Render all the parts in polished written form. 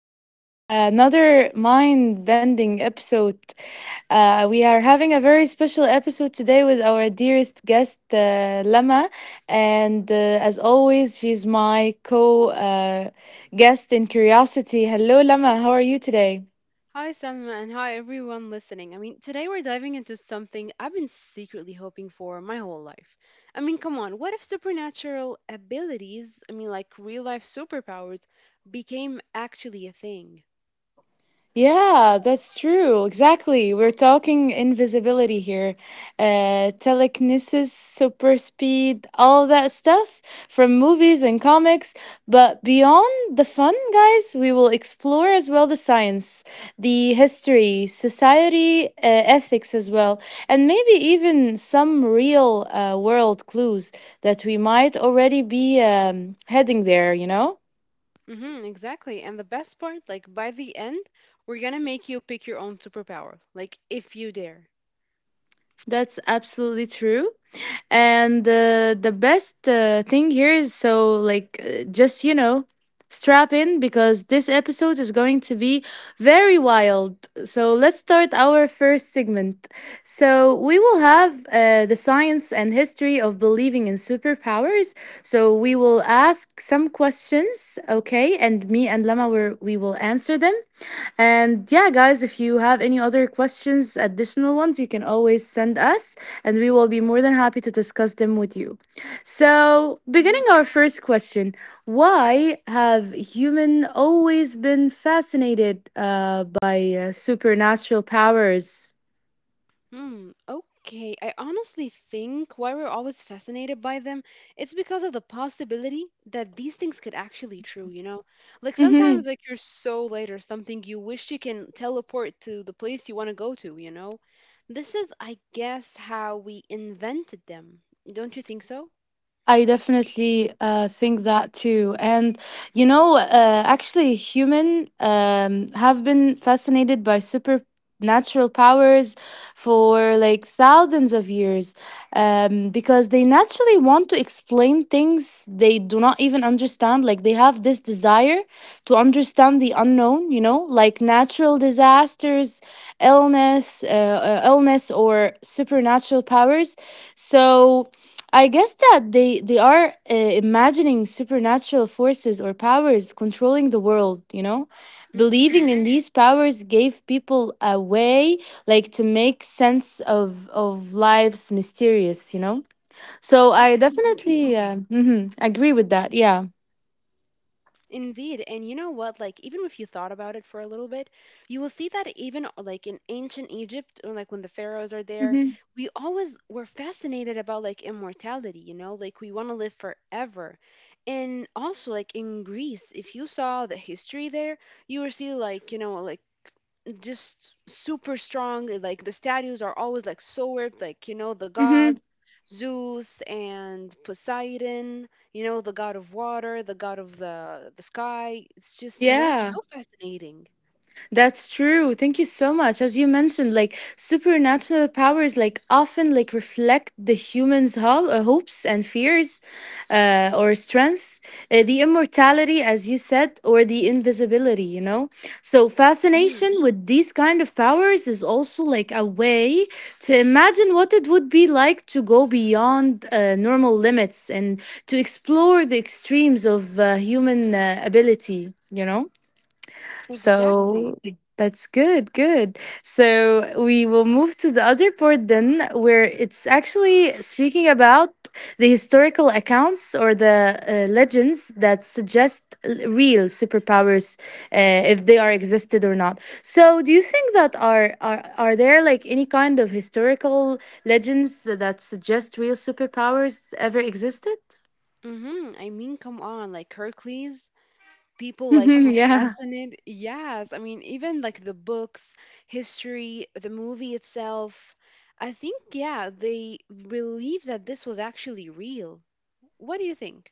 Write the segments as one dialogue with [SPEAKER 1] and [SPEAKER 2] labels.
[SPEAKER 1] to another mind bending episode. We are having a very special episode today with our dearest guest, Lama. And As always, she's my co guest in Curiosity. Hello, Lama, how are you today?
[SPEAKER 2] Hi, Sam, and hi, everyone listening. I mean, today we're diving into something I've been secretly hoping for my whole life. I mean, come on, what if supernatural abilities, I mean, like real life superpowers, became actually a thing?
[SPEAKER 1] Yeah, that's true. Exactly. We're talking invisibility here. Telekinesis, super speed, all that stuff from movies and comics. But beyond the fun, guys, we will explore as well the science, the history, society, ethics as well, and maybe even some real world clues that we might already be heading there.
[SPEAKER 2] Mm-hmm, exactly. And the best part, like by the end, we're gonna make you pick your own superpower, like if you dare.
[SPEAKER 1] That's absolutely true. And The best thing here is strap in because this episode is going to be very wild. So let's start our first segment. So we will have the science and history of believing in superpowers. So we will ask some questions, okay? And me and Lama, we will answer them. And yeah, guys, if you have any other questions, additional ones, you can always send us, and we will be more than happy to discuss them with you. So, beginning
[SPEAKER 2] Mm-hmm.
[SPEAKER 1] our first question, why have humans always been fascinated by supernatural powers?
[SPEAKER 2] Hmm, okay. I honestly think why we're always fascinated by them, it's because of the possibility that these things could actually true, you know? Like sometimes like you're so late or something, you wish you can teleport to the place you want to go to, you know? This is, I guess, how we invented them. Don't you think so?
[SPEAKER 1] I definitely think that too. And you know, actually, human have been fascinated by supernatural powers for like thousands of years because they naturally want to explain things they do not even understand. Like they have this desire to understand the unknown. You know, like natural disasters, illness, illness, or supernatural powers. So I guess that they are imagining supernatural forces or powers controlling the world.
[SPEAKER 2] Mm-hmm.
[SPEAKER 1] Believing in these powers gave people a way like to make sense of life's mysterious. So I
[SPEAKER 2] Absolutely.
[SPEAKER 1] definitely agree with that. Yeah.
[SPEAKER 2] Indeed. And you know what? Like, even if you thought about it for a little bit, you will see that even like in ancient Egypt, or like when the pharaohs are there, we always were fascinated about like immortality, you know, like we want to live forever. And also, like in Greece, if you saw the history there, you will see like, you know, like just super strong. Like the statues are always like so weird. Like, you know, the gods,
[SPEAKER 1] Mhm.
[SPEAKER 2] Zeus and Poseidon. You know the god of water, the god of the sky. It's just, you know, it's
[SPEAKER 1] Yeah.
[SPEAKER 2] so fascinating.
[SPEAKER 1] That's true. Thank you so much. As you mentioned, like supernatural powers, like often like reflect the humans' hopes and fears, or strength, the immortality, as you said, or the invisibility. You know, so
[SPEAKER 2] Hmm.
[SPEAKER 1] fascination with these kind of powers is also like a way to imagine what it would be like to go beyond normal limits and to explore the extremes of human ability. You know.
[SPEAKER 2] Exactly.
[SPEAKER 1] So that's good. So we will move to the other part then, where it's actually speaking about the historical accounts or the legends that suggest real superpowers, uh, if they are existed or not. So, do you think that are there like any kind of historical legends that suggest real superpowers ever existed?
[SPEAKER 2] Mm-hmm. I mean, come on, like Hercules, people like just
[SPEAKER 1] Yeah.
[SPEAKER 2] fascinated. Yes, I mean, even like the books, history, the movie itself, I think, yeah, they believe that this was actually real. What do you think?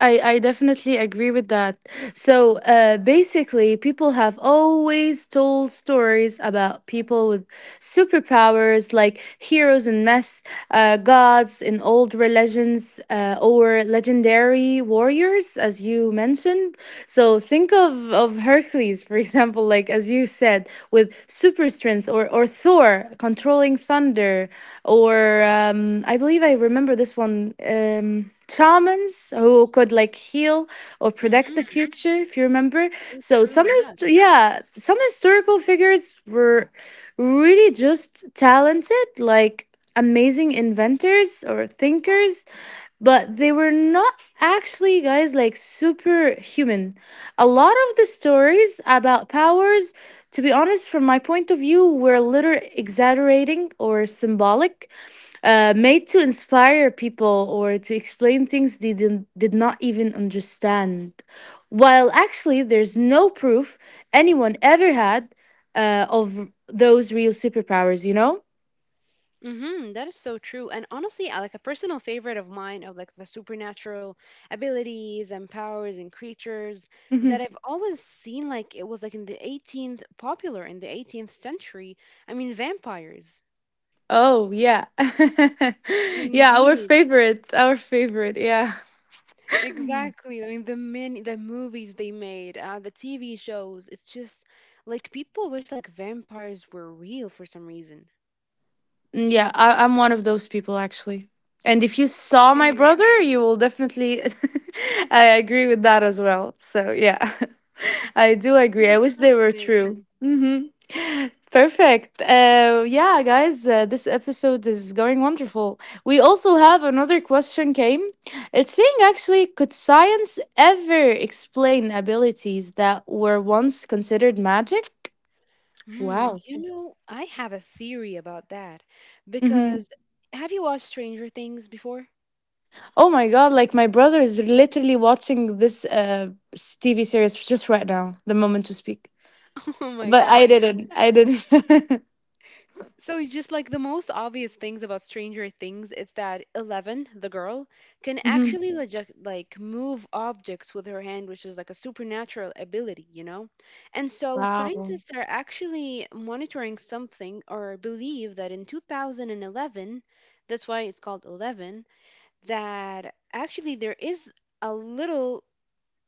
[SPEAKER 1] I definitely agree with that. So basically, people have always told stories about people with superpowers, like heroes and myths, gods in old religions, or legendary warriors, as you mentioned. So think of Hercules, for example, like as you said, with super strength, or Thor controlling thunder, or I believe I remember this one. Shamans who could like heal or predict the
[SPEAKER 2] Mm-hmm.
[SPEAKER 1] future if you remember.
[SPEAKER 2] So
[SPEAKER 1] So
[SPEAKER 2] true. Yeah.
[SPEAKER 1] yeah, some historical figures were really just talented, like amazing inventors or thinkers, but they were not actually guys like superhuman. A lot of the stories about powers, to be honest from my point of view, were little exaggerating or symbolic, made to inspire people or to explain things they did not even understand, while actually there's no proof anyone ever had of those real superpowers, you know.
[SPEAKER 2] Mm-hmm, that is so true. And honestly, like a personal favorite of mine of like the supernatural abilities and powers and creatures that I've always seen, like it was like in the 18th popular in the 18th century. I mean, vampires.
[SPEAKER 1] Oh yeah. Yeah,
[SPEAKER 2] Indeed.
[SPEAKER 1] our favorite. Yeah.
[SPEAKER 2] Exactly. I mean, the movies they made, the TV shows, it's just like people wish like vampires were real for some reason.
[SPEAKER 1] Mm, yeah, I'm one of those people actually. And if you saw my
[SPEAKER 2] Really?
[SPEAKER 1] brother, you will definitely. I agree with that as well. So yeah, I do agree.
[SPEAKER 2] That's
[SPEAKER 1] I wish they were true.
[SPEAKER 2] fascinating.
[SPEAKER 1] Hmm. Perfect. Yeah, guys, this episode is going wonderful. We also have another question came. It's saying actually, could science ever explain abilities that were once considered magic?
[SPEAKER 2] Hmm,
[SPEAKER 1] Wow.
[SPEAKER 2] you know, I have a theory about that,
[SPEAKER 1] Mm-hmm.
[SPEAKER 2] because have you watched Stranger Things before?
[SPEAKER 1] Oh my god, like my brother is literally watching this TV series just right now, the moment to speak.
[SPEAKER 2] Oh my
[SPEAKER 1] But
[SPEAKER 2] God.
[SPEAKER 1] I didn't. I didn't.
[SPEAKER 2] So just like the most obvious things about Stranger Things, it's that Eleven, the girl, can
[SPEAKER 1] Mhm.
[SPEAKER 2] actually like move objects with her hand, which is like a supernatural ability, you know? And so
[SPEAKER 1] Wow.
[SPEAKER 2] scientists are actually monitoring something or believe that in 2011, that's why it's called Eleven, that actually there is a little,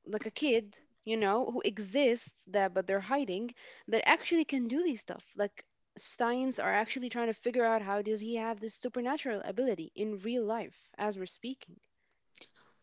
[SPEAKER 2] like a kid, you know, who exists, that but they're hiding, that actually can do these stuff. Like, science are actually trying to figure out how does he have this supernatural ability in real life as we're speaking.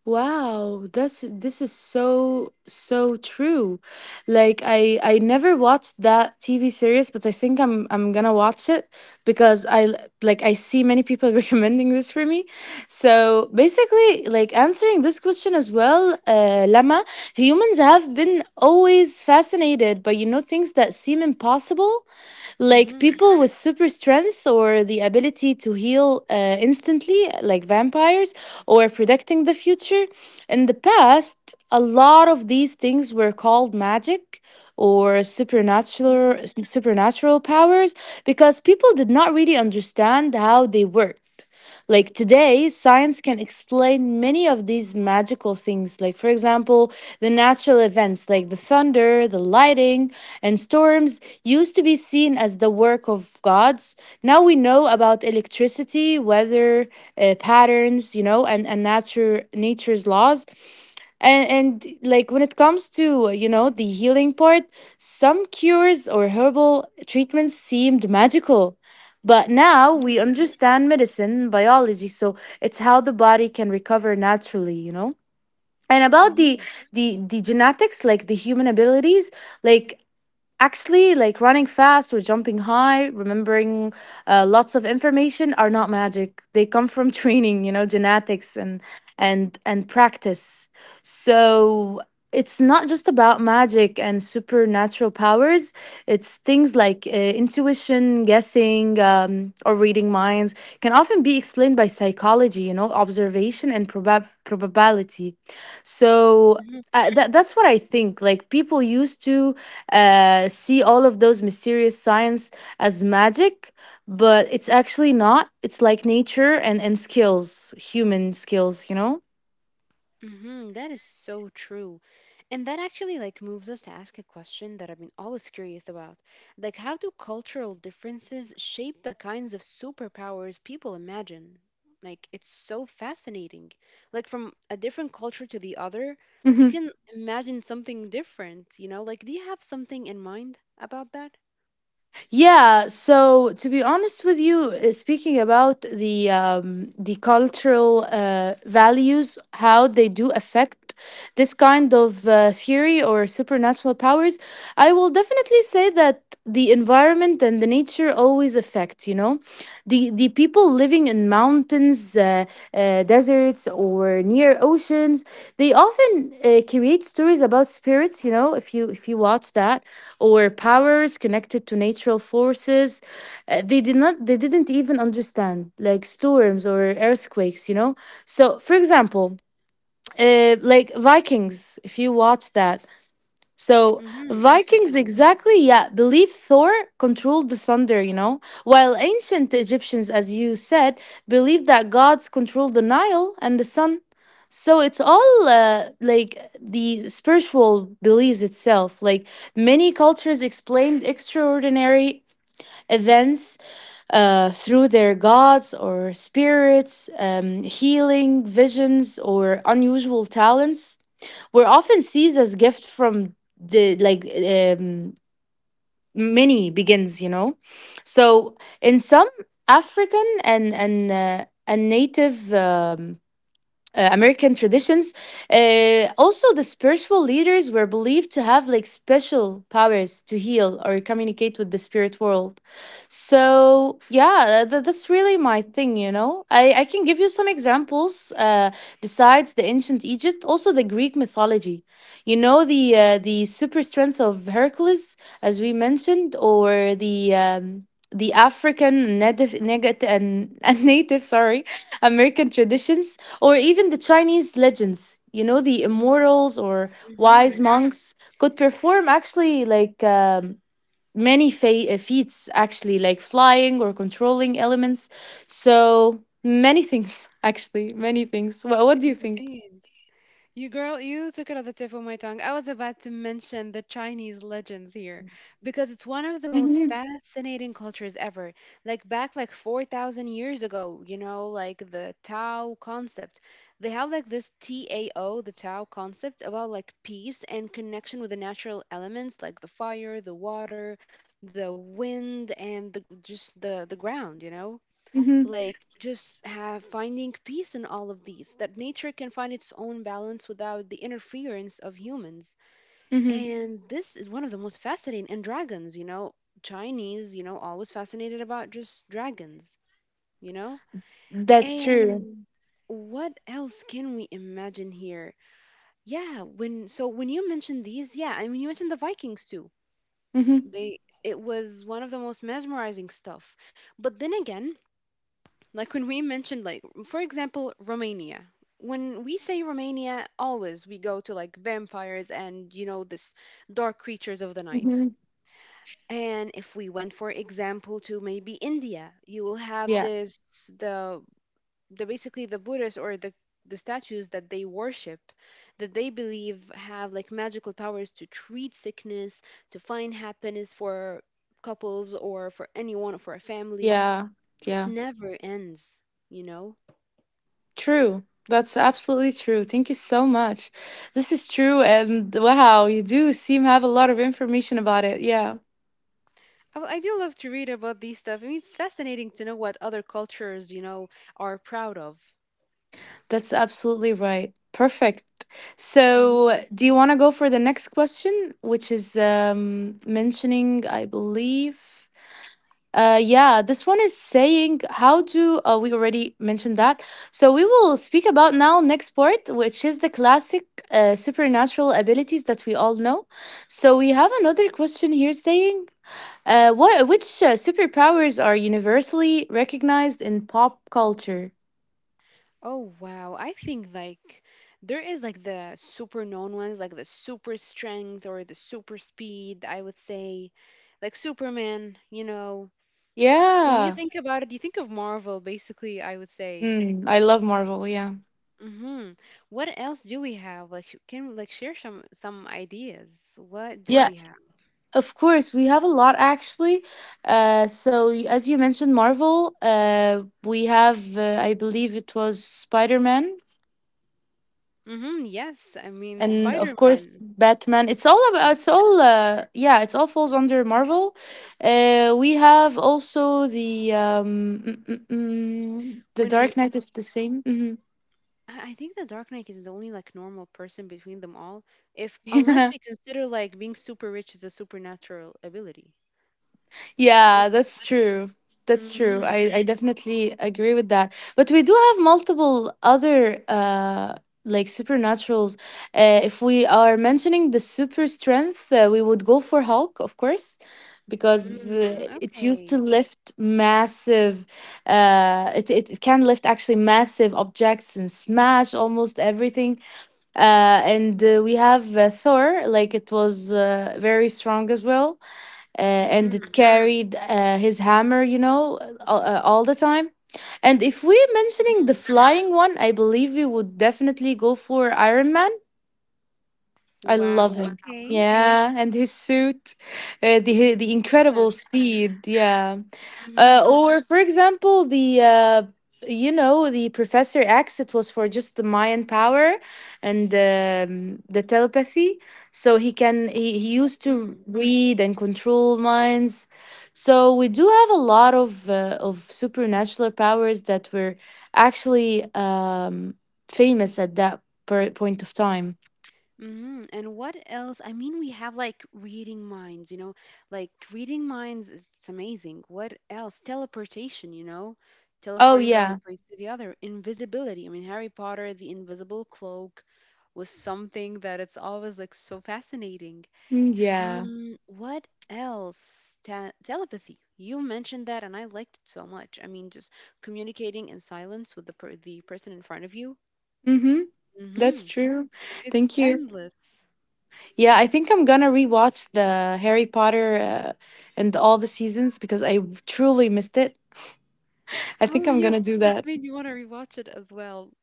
[SPEAKER 1] Wow, that's this is so so true. Like I never watched that TV series, but I think I'm gonna watch it because like I see many people recommending this for me. So basically, like answering this question as well, Lama, humans have been always fascinated by you know things that seem impossible, like
[SPEAKER 2] Mm-hmm.
[SPEAKER 1] people with super strength or the ability to heal instantly, like vampires, or predicting the future. In the past, a lot of these things were called magic or supernatural powers because people did not really understand how they worked. Like today, science can explain many of these magical things, like, for example, the natural events like the thunder, the lightning, and storms used to be seen as the work of gods. Now we know about electricity, weather patterns, you know, and nature's laws. And like when it comes to you know the healing part, some cures or herbal treatments seemed magical, but now we
[SPEAKER 2] Mm-hmm.
[SPEAKER 1] understand medicine biology, so it's how the body can recover naturally, you know. And about
[SPEAKER 2] Mm-hmm.
[SPEAKER 1] the genetics, like the human abilities like, actually, like running fast or jumping high, remembering lots of information are not magic. They come from training, you know, genetics and practice. So it's not just about magic and supernatural powers. It's things like intuition, guessing, or reading minds can often be explained by psychology, you know, observation and probability. So that's what I think. Like people used to see all of those mysterious signs as magic, but it's actually not. It's like nature and skills, human skills, you know?
[SPEAKER 2] Mm-hmm, that is so true. And that actually like moves us to ask a question that I've been always curious about. Like, how do cultural differences shape the kinds of superpowers people imagine? Like, it's so fascinating. Like, from a different culture to the other, you can imagine something different, you know? Like, do you have something in mind about that?
[SPEAKER 1] Yeah, so to be honest with you, speaking about the cultural values, how they do affect this kind of theory or supernatural powers, I will definitely say that the environment and the nature always affect. You know, the people living in mountains, deserts, or near oceans, they often create stories about spirits. You know, if you watch that, or powers connected to natural forces they did not they didn't even understand, like storms or earthquakes, you know. So for example, like vikings, if you watch that, so,
[SPEAKER 2] Mm-hmm,
[SPEAKER 1] Vikings,
[SPEAKER 2] absolutely.
[SPEAKER 1] exactly, yeah, believed Thor controlled the thunder, you know, while ancient Egyptians, as you said, believed that gods controlled the Nile and the sun. So, it's all like the spiritual beliefs itself. Like, many cultures explained extraordinary events through their gods or spirits, healing, visions, or unusual talents were often seized as gift from the like many begins, you know. So in some african and native American traditions. Also, the spiritual leaders were believed to have like special powers to heal or communicate with the spirit world. So, yeah, that's really my thing, you know. I can give you some examples besides the ancient Egypt, also the Greek mythology. You know, the super strength of Hercules, as we mentioned, or the. The African native, negative, and native, sorry, American traditions, or even the Chinese legends, you know, the immortals or
[SPEAKER 2] Mm-hmm.
[SPEAKER 1] wise monks could perform actually like many feats, actually, like flying or controlling elements. So many things, actually, many things. What do you think?
[SPEAKER 2] Indeed. You girl, you took it off the tip of my tongue. I was about to mention the Chinese legends here, because it's one of the most
[SPEAKER 1] Hmm.
[SPEAKER 2] fascinating cultures ever. Like, back like 4,000 years ago, you know, like the Tao concept. They have like this TAO, the Tao concept, about like peace and connection with the natural elements, like the fire, the water, the wind, and the just the ground, you know?
[SPEAKER 1] Hmm.
[SPEAKER 2] Like, just have finding peace in all of these, that nature can find its own balance without the interference of humans.
[SPEAKER 1] Hmm.
[SPEAKER 2] And this is one of the most fascinating. And dragons, you know, Chinese, you know, always fascinated about just dragons, you know.
[SPEAKER 1] That's true.
[SPEAKER 2] And what else can we imagine here? Yeah, when you mentioned these, yeah, I mean, you mentioned the vikings too.
[SPEAKER 1] Hmm.
[SPEAKER 2] They, it was one of the most mesmerizing stuff. But then again, like when we mentioned, like, for example, Romania. When we say Romania, always we go to like vampires and, you know, this dark creatures of the night.
[SPEAKER 1] Hmm.
[SPEAKER 2] And if we went, for example, to maybe India, you will have
[SPEAKER 1] Yeah,
[SPEAKER 2] this, the the basically the Buddhists, or the statues that they worship, that they believe have like magical powers to treat sickness, to find happiness for couples or for anyone or for a family.
[SPEAKER 1] yeah,
[SPEAKER 2] It
[SPEAKER 1] yeah.
[SPEAKER 2] never ends, you know?
[SPEAKER 1] True. That's absolutely true. Thank you so much. This is true, and wow, you do seem have a lot of information about it. Yeah.
[SPEAKER 2] Oh, I do love to read about these stuff. I mean, it's fascinating to know what other cultures, you know, are proud of.
[SPEAKER 1] That's absolutely right. Perfect.
[SPEAKER 2] Hmm.
[SPEAKER 1] So, do you want to go for the next question, which is mentioning, I believe? Yeah, this one is saying, how do we already mentioned that? So, we will speak about now next part, which is the classic supernatural abilities that we all know. So, we have another question here saying, what which superpowers are universally recognized in pop culture?
[SPEAKER 2] Oh wow, I think like there is like the super known ones, like the super strength or the super speed, I would say. Like Superman, you know. When you
[SPEAKER 1] Yeah.
[SPEAKER 2] think about it, you think of Marvel, basically, I would say.
[SPEAKER 1] Mm, I love Marvel, yeah.
[SPEAKER 2] Mhm. What else do we have? Like, can like share some ideas. What do
[SPEAKER 1] Yeah,
[SPEAKER 2] we have?
[SPEAKER 1] of course. We have a lot actually. So as you mentioned, Marvel. We have, I believe it was Spider Man,
[SPEAKER 2] Mhm, yes. I mean,
[SPEAKER 1] and of course
[SPEAKER 2] Spider-Man.
[SPEAKER 1] Batman. It's all about. It's all. Yeah, it's all falls under Marvel. We have also the mm, mm, mm, the
[SPEAKER 2] When
[SPEAKER 1] Dark
[SPEAKER 2] we
[SPEAKER 1] Knight
[SPEAKER 2] talk,
[SPEAKER 1] is the same.
[SPEAKER 2] I think the Dark Knight is the only like normal person between them all, if, unless
[SPEAKER 1] Hmm.
[SPEAKER 2] we consider like being super rich is a supernatural ability. What?
[SPEAKER 1] Yeah, that's true. That's true.
[SPEAKER 2] Mm-hmm.
[SPEAKER 1] I definitely agree with that. But we do have multiple other like supernaturals. If we are mentioning the super strength, we would go for Hulk, of course, because
[SPEAKER 2] Mm,
[SPEAKER 1] it used to
[SPEAKER 2] okay.
[SPEAKER 1] lift massive. It can lift actually massive objects and smash almost everything. And we have Thor, like it was very strong as well and
[SPEAKER 2] Mm-hmm.
[SPEAKER 1] it carried his hammer, you know, all the time. And if we're mentioning
[SPEAKER 2] Mm-hmm.
[SPEAKER 1] the flying one, I believe we would definitely go for Iron Man. I
[SPEAKER 2] Wow.
[SPEAKER 1] love him.
[SPEAKER 2] Okay.
[SPEAKER 1] Yeah, and his suit, the
[SPEAKER 2] Yes.
[SPEAKER 1] incredible speed. Yeah.
[SPEAKER 2] Mm-hmm.
[SPEAKER 1] Or for example, the you know the Professor X. It was for just the Mayan power and the telepathy. So he used to read and control minds. So we do have a lot of supernatural powers that were actually famous at point of time.
[SPEAKER 2] Hmm. And what else? I mean, we have like reading minds, you know, like reading minds, it's amazing. What else? Teleportation, you know,
[SPEAKER 1] Oh
[SPEAKER 2] teleporting from a
[SPEAKER 1] yeah.
[SPEAKER 2] place to the other. Invisibility. I mean, Harry Potter, the invisible cloak was something that it's always like so fascinating.
[SPEAKER 1] Mm, yeah.
[SPEAKER 2] What else? Ta telepathy. You mentioned that and I liked it so much. I mean, just communicating in silence with the person in front of you.
[SPEAKER 1] Mm-hmm. That's
[SPEAKER 2] Mm-hmm.
[SPEAKER 1] true.
[SPEAKER 2] It's
[SPEAKER 1] Thank you.
[SPEAKER 2] endless.
[SPEAKER 1] Yeah, I think I'm gonna rewatch the Harry Potter and all the seasons because I truly missed it. I think
[SPEAKER 2] Oh
[SPEAKER 1] I'm gonna
[SPEAKER 2] yes,
[SPEAKER 1] do
[SPEAKER 2] it
[SPEAKER 1] that.
[SPEAKER 2] just made me want to rewatch it as well.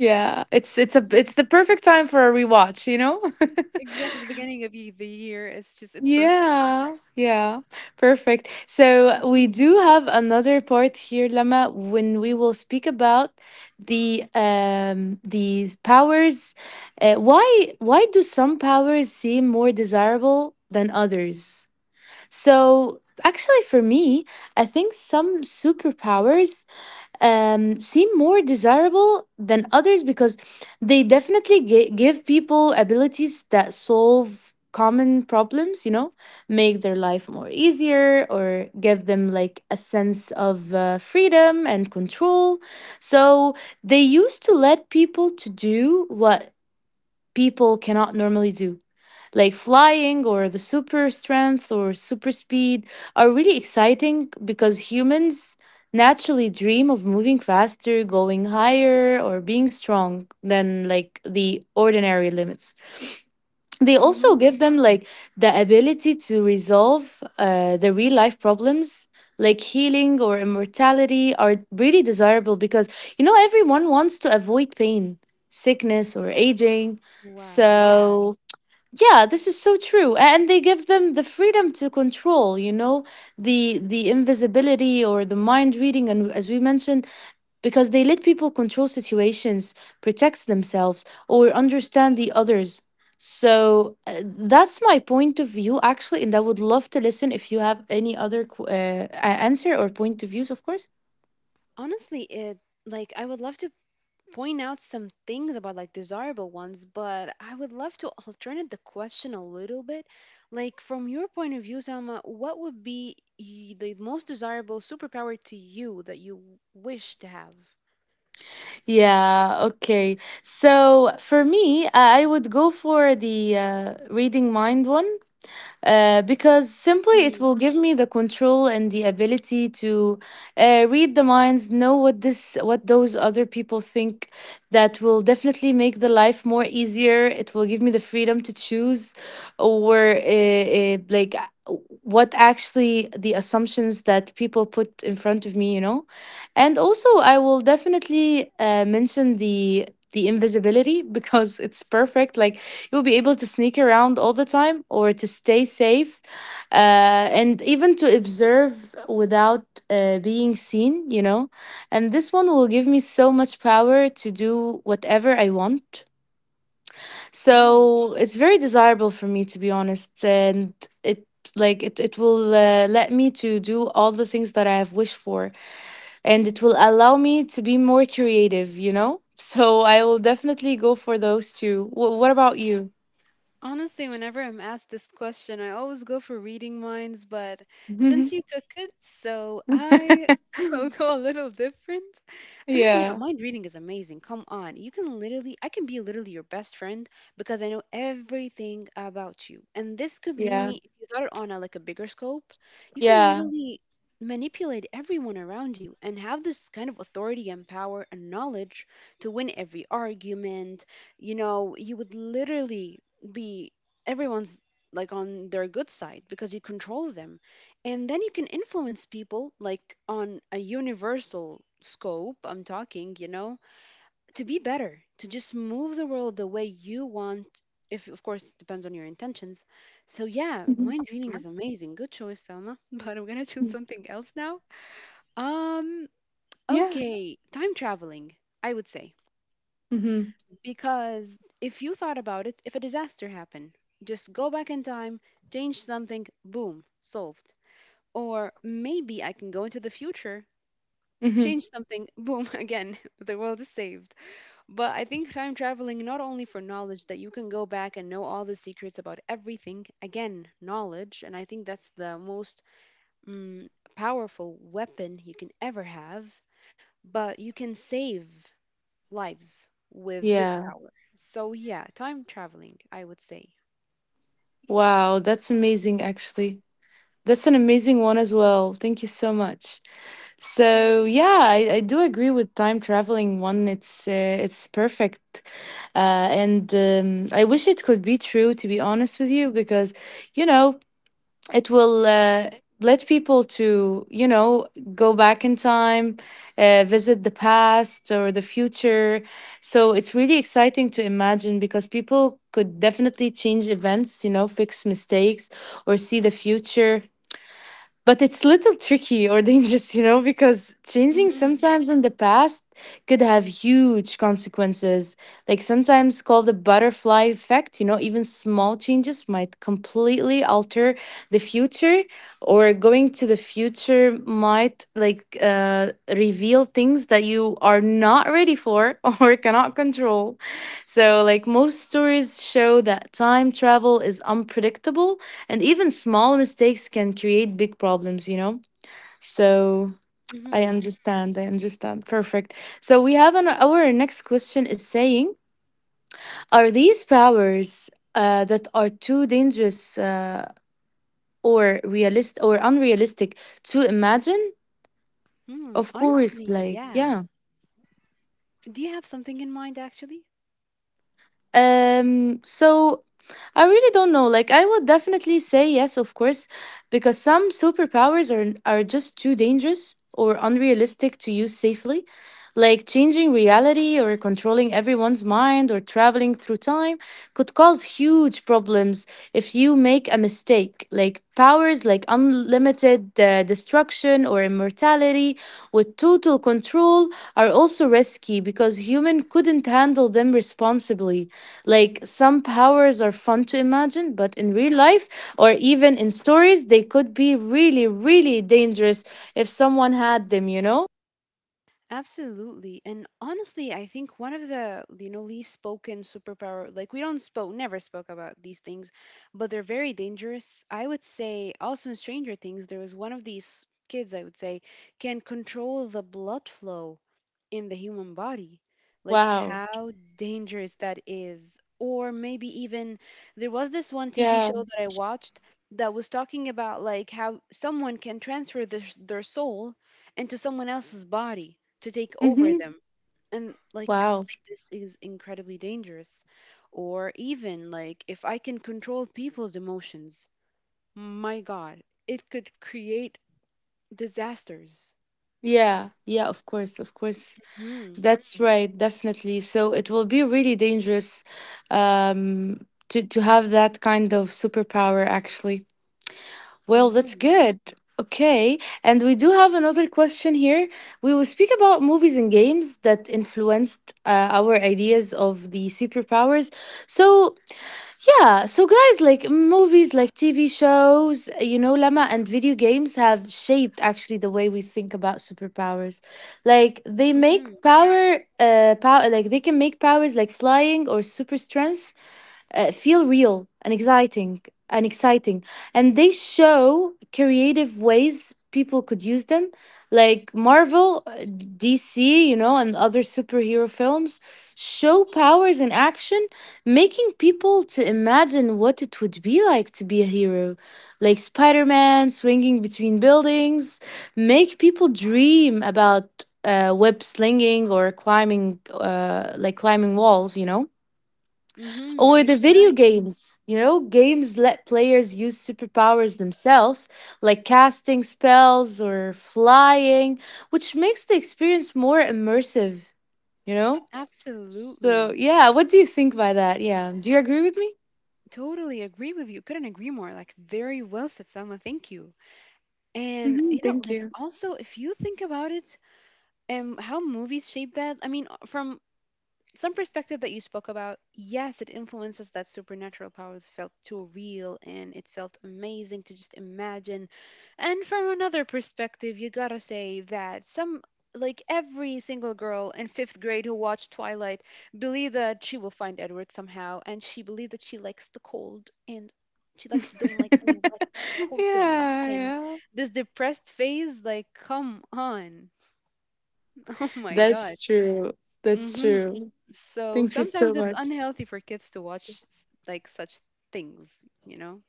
[SPEAKER 1] Yeah, it's it's a
[SPEAKER 2] Hmm.
[SPEAKER 1] it's the perfect time for a rewatch, you know?
[SPEAKER 2] Exactly, the beginning of the year. It's just, it's perfect.
[SPEAKER 1] Yeah, yeah, perfect. So we
[SPEAKER 2] Hmm.
[SPEAKER 1] do have another part here, Lama, when we will speak about these powers. Why do some powers seem more desirable than others? So, actually, for me, I think some superpowers seem more desirable than others because they definitely give people abilities that solve common problems, you know, make their life more easier or give them like a sense of freedom and control. So, they used to let people to do what people cannot normally do, like flying or the super strength or super speed are really exciting because humans naturally dream of moving faster, going higher, or being strong than like the ordinary limits. They also give
[SPEAKER 2] Hmm.
[SPEAKER 1] them like the ability to resolve the real life problems. Like healing or immortality are really desirable because you know everyone wants to avoid pain, sickness, or aging.
[SPEAKER 2] Wow. Yeah.
[SPEAKER 1] So yeah, this is so true. And they give them the freedom to control, you know, the invisibility or the mind reading and as we mentioned, because they let people control situations, protect themselves, or understand the others. So that's my point of view actually, and I would love to listen if you have any other answer or point of views, of course.
[SPEAKER 2] Honestly, it like, I would love to point out some things about like desirable ones, but I would love to alternate the question a little bit. Like, from your point of view, Sama, what would be the most desirable superpower to you that you wish to have?
[SPEAKER 1] Yeah, okay. So for me, I would go for the reading mind one because simply it will give me the control and the ability to read the minds, know what this, what those other people think. That will definitely make the life more easier. It will give me the freedom to choose, or what actually the assumptions that people put in front of me, you know. And also, I will definitely mention the invisibility because it's perfect. Like you'll be able to sneak around all the time or to stay safe and even to observe without being seen, you know. And this one will give me so much power to do whatever I want.
[SPEAKER 2] Mm-hmm.
[SPEAKER 1] So it's very desirable for me, to be honest. And it like it will let me to do all the things that I have wished for, and it will allow me to be more creative, you know? So I will definitely go for those two. What about you?
[SPEAKER 2] Honestly, whenever I'm asked this question, I always go for reading minds, but since you took it, so I will go a little different. I mean, yeah,
[SPEAKER 1] Yeah,
[SPEAKER 2] mind reading is amazing. Come on. I can be literally your best friend because I know everything about you. And this could lead
[SPEAKER 1] yeah.
[SPEAKER 2] me, if you thought it on a, like, a bigger scope, you can
[SPEAKER 1] Yeah.
[SPEAKER 2] literally manipulate everyone around you and have this kind of authority and power and knowledge to win every argument. You know, you would literally be everyone's, like, on their good side because you control them, and then you can influence people like on a universal scope, I'm talking, you know, to be better, to just move the world the way you want. If, of course, it depends on your intentions. So yeah,
[SPEAKER 1] Mhm.
[SPEAKER 2] mind reading is amazing, good choice, Selma. But I'm gonna choose something else now. um
[SPEAKER 1] Yeah.
[SPEAKER 2] okay time traveling, I would say.
[SPEAKER 1] Hmm.
[SPEAKER 2] Because if you thought about it, if a disaster happened, just go back in time, change something, boom, solved. Or maybe I can go into the future,
[SPEAKER 1] Hmm.
[SPEAKER 2] change something, boom, again, the world is saved. But I think time traveling, not only for knowledge, that you can go back and know all the secrets about everything, again, knowledge, and I think that's the most mm, powerful weapon you can ever have, but you can save lives with this
[SPEAKER 1] Yeah.
[SPEAKER 2] power. So yeah, time traveling, I would say.
[SPEAKER 1] Wow. That's amazing, actually. That's an amazing one as well. Thank you so much.
[SPEAKER 2] I
[SPEAKER 1] So
[SPEAKER 2] think.
[SPEAKER 1] yeah, I do agree with time traveling one. It's perfect, and I wish it could be true. To be honest with you, because you know, it will let people to, you know, go back in time, visit the past or the future. So it's really exciting to imagine because people could definitely change events, you know, fix mistakes or see the future, but it's little tricky or dangerous, you know, because changing
[SPEAKER 2] Mm-hmm.
[SPEAKER 1] sometimes in the past could have huge consequences. Like sometimes called the butterfly effect, you know, even small changes might completely alter the future, or going to the future might like reveal things that you are not ready for or cannot control. So, like most stories show that time travel is unpredictable and even small mistakes can create big problems, you know? So I
[SPEAKER 2] Mm-hmm.
[SPEAKER 1] understand. I understand. Perfect. So we have an, our next question is saying, are these powers that are too dangerous or realist or unrealistic to imagine?
[SPEAKER 2] Mm,
[SPEAKER 1] Of
[SPEAKER 2] honestly,
[SPEAKER 1] course, like,
[SPEAKER 2] yeah.
[SPEAKER 1] yeah.
[SPEAKER 2] Do you have something in mind actually?
[SPEAKER 1] So I really don't know. Like, I would definitely say yes, of course, because some superpowers are just too dangerous or unrealistic to use safely, like changing reality or controlling everyone's mind or traveling through time could cause huge problems if you make a mistake. Like powers like unlimited destruction or immortality with total control are also risky because human couldn't handle them responsibly. Like some powers are fun to imagine, but in real life or even in stories, they could be really, really dangerous if someone had them, you know?
[SPEAKER 2] Absolutely. And honestly, I think one of the, you know, least spoken superpower, like we don't spoke, never spoke about these things, but they're very dangerous. I would say, also in Stranger Things, there was one of these kids, I would say, can control the blood flow in the human body. Like,
[SPEAKER 1] Wow.
[SPEAKER 2] how dangerous that is. Or maybe even there was this one TV
[SPEAKER 1] Yeah.
[SPEAKER 2] show that I watched that was talking about like how someone can transfer their soul into someone else's body to take over
[SPEAKER 1] Mm-hmm.
[SPEAKER 2] them. And like,
[SPEAKER 1] Wow.
[SPEAKER 2] this is incredibly dangerous. Or even like, if I can control people's emotions, my God, it could create disasters.
[SPEAKER 1] Yeah. Yeah, of course. Of course.
[SPEAKER 2] Mm-hmm.
[SPEAKER 1] That's right. Definitely. So it will be really dangerous, to have that kind of superpower, actually. Well, that's
[SPEAKER 2] Mm-hmm.
[SPEAKER 1] good. Okay. And we do have another question here. We will speak about movies and games that influenced our ideas of the superpowers. So, yeah. So, guys, like movies, like TV shows, you know, Lama, and video games have shaped actually the way we think about superpowers. Like, they make
[SPEAKER 2] Mm-hmm.
[SPEAKER 1] power, they can make powers like flying or super strength feel real and exciting and exciting and they show creative ways people could use them, like Marvel, DC, you know, and other superhero films show powers in action, making people to imagine what it would be like to be a hero. Like Spider-Man swinging between buildings make people dream about web slinging or climbing climbing walls, you know.
[SPEAKER 2] Mm-hmm.
[SPEAKER 1] Or the video
[SPEAKER 2] Exactly.
[SPEAKER 1] games, you know, games let players use superpowers themselves, like casting spells or flying, which makes the experience more immersive, you know? So,
[SPEAKER 2] Absolutely.
[SPEAKER 1] yeah, what do you think by that? Yeah, do you agree with me?
[SPEAKER 2] Totally agree with you. Couldn't agree more. Like, very well said, Salma. Thank you. And,
[SPEAKER 1] Hmm.
[SPEAKER 2] you know,
[SPEAKER 1] Thank
[SPEAKER 2] like,
[SPEAKER 1] you.
[SPEAKER 2] also, if you think about it, and how movies shape that, I mean, from some perspective that you spoke about, yes, it influences that supernatural powers felt too real and it felt amazing to just imagine. And from another perspective, you gotta say that some, like every single girl in fifth grade who watched Twilight believed that she will find Edward somehow, and she believed that she likes the cold and she likes don't like
[SPEAKER 1] Yeah,
[SPEAKER 2] any wet cold thing and
[SPEAKER 1] yeah.
[SPEAKER 2] this depressed phase, like come on. Oh my god.
[SPEAKER 1] That's true. That's
[SPEAKER 2] Mm-hmm.
[SPEAKER 1] true.
[SPEAKER 2] So
[SPEAKER 1] Thank you so
[SPEAKER 2] sometimes it's
[SPEAKER 1] much.
[SPEAKER 2] unhealthy for kids to watch like such things, you know?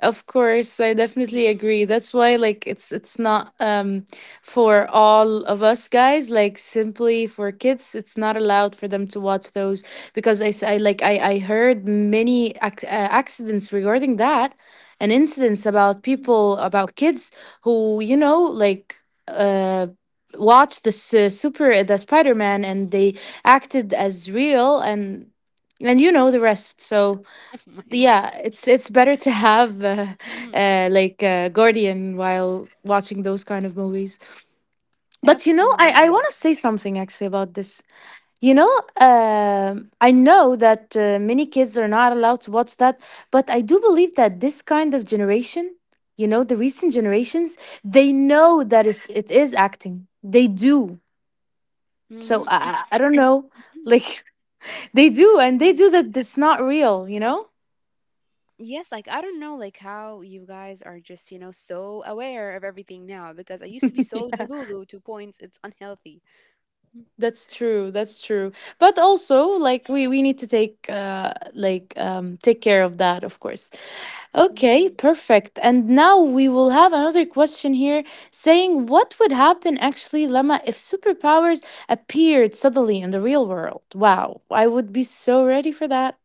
[SPEAKER 1] Of course, I definitely
[SPEAKER 2] Mm-hmm.
[SPEAKER 1] agree. That's why like it's not for all of us guys, like simply for kids, it's not allowed for them to watch those because I s- I, like I heard many accidents regarding that and incidents about people, about kids who, you know, like uh watched the su- super the Spider-Man and they acted as real, and you know the rest. So
[SPEAKER 2] Oh my God.
[SPEAKER 1] yeah, it's better to have
[SPEAKER 2] Mm-hmm.
[SPEAKER 1] guardian while watching those kind of movies. But you know, I want
[SPEAKER 2] Absolutely.
[SPEAKER 1] to say something actually about this, you know. I know that many kids are not allowed to watch that, but I do believe that this kind of generation, you know, the recent generations, they know that it is acting, they do. So
[SPEAKER 2] Mm-hmm.
[SPEAKER 1] I don't know,
[SPEAKER 2] Hmm.
[SPEAKER 1] like they do, and
[SPEAKER 2] Yeah.
[SPEAKER 1] they do that it's not real, you know.
[SPEAKER 2] Yes, like I don't know like how you guys are just, you know, so aware of everything now because I used to be so delulu to points it's unhealthy.
[SPEAKER 1] That's true. That's true. But also, like we need to take take care of that, of course. Okay,
[SPEAKER 2] Mm-hmm.
[SPEAKER 1] perfect. And now we will have another question here, saying what would happen actually, Lama, if superpowers appeared suddenly in the real world? Wow, I would be so ready for that.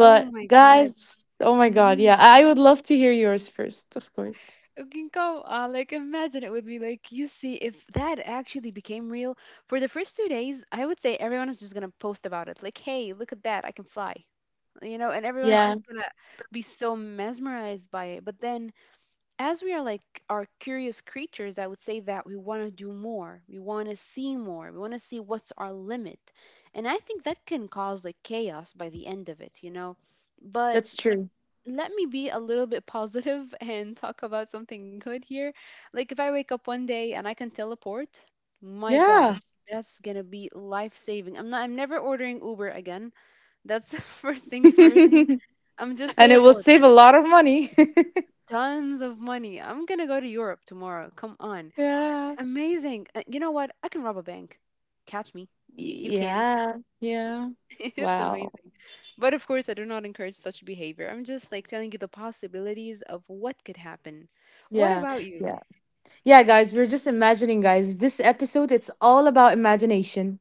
[SPEAKER 2] Oh my God.
[SPEAKER 1] guys, oh my god, yeah,
[SPEAKER 2] Mm-hmm.
[SPEAKER 1] I would love to hear yours first, of course.
[SPEAKER 2] You can go, like, imagine it with me. Like, you see, if that actually became real, for the first two days, I would say everyone is just gonna post about it. Like, hey, look at that, I can fly. You know, and everyone's
[SPEAKER 1] Yeah,
[SPEAKER 2] just gonna be so mesmerized by it. But then, as we are curious creatures, I would say that we wanna do more. We wanna see more. We wanna see what's our limit. And I think that can cause like chaos by the end of it, you know? But
[SPEAKER 1] that's true.
[SPEAKER 2] let me be a little bit positive and talk about something good here. Like if I wake up one day and I can teleport, my
[SPEAKER 1] Yeah.
[SPEAKER 2] gosh, that's gonna be life saving. I'm never ordering Uber again. That's first things first. I'm just
[SPEAKER 1] And it will save
[SPEAKER 2] teleporting.
[SPEAKER 1] a lot of money.
[SPEAKER 2] Tons of money. I'm gonna go to Europe tomorrow. Come on.
[SPEAKER 1] Yeah.
[SPEAKER 2] Amazing. You know what? I can rob a bank. Catch me. You can't.
[SPEAKER 1] Yeah. Yeah.
[SPEAKER 2] It's
[SPEAKER 1] Wow.
[SPEAKER 2] amazing. But of course, I do not encourage such behavior. I'm just like telling you the possibilities of what could happen. What
[SPEAKER 1] Yeah.
[SPEAKER 2] about you?
[SPEAKER 1] Yeah. Yeah, guys, we're just imagining, guys. This episode, it's all about imagination.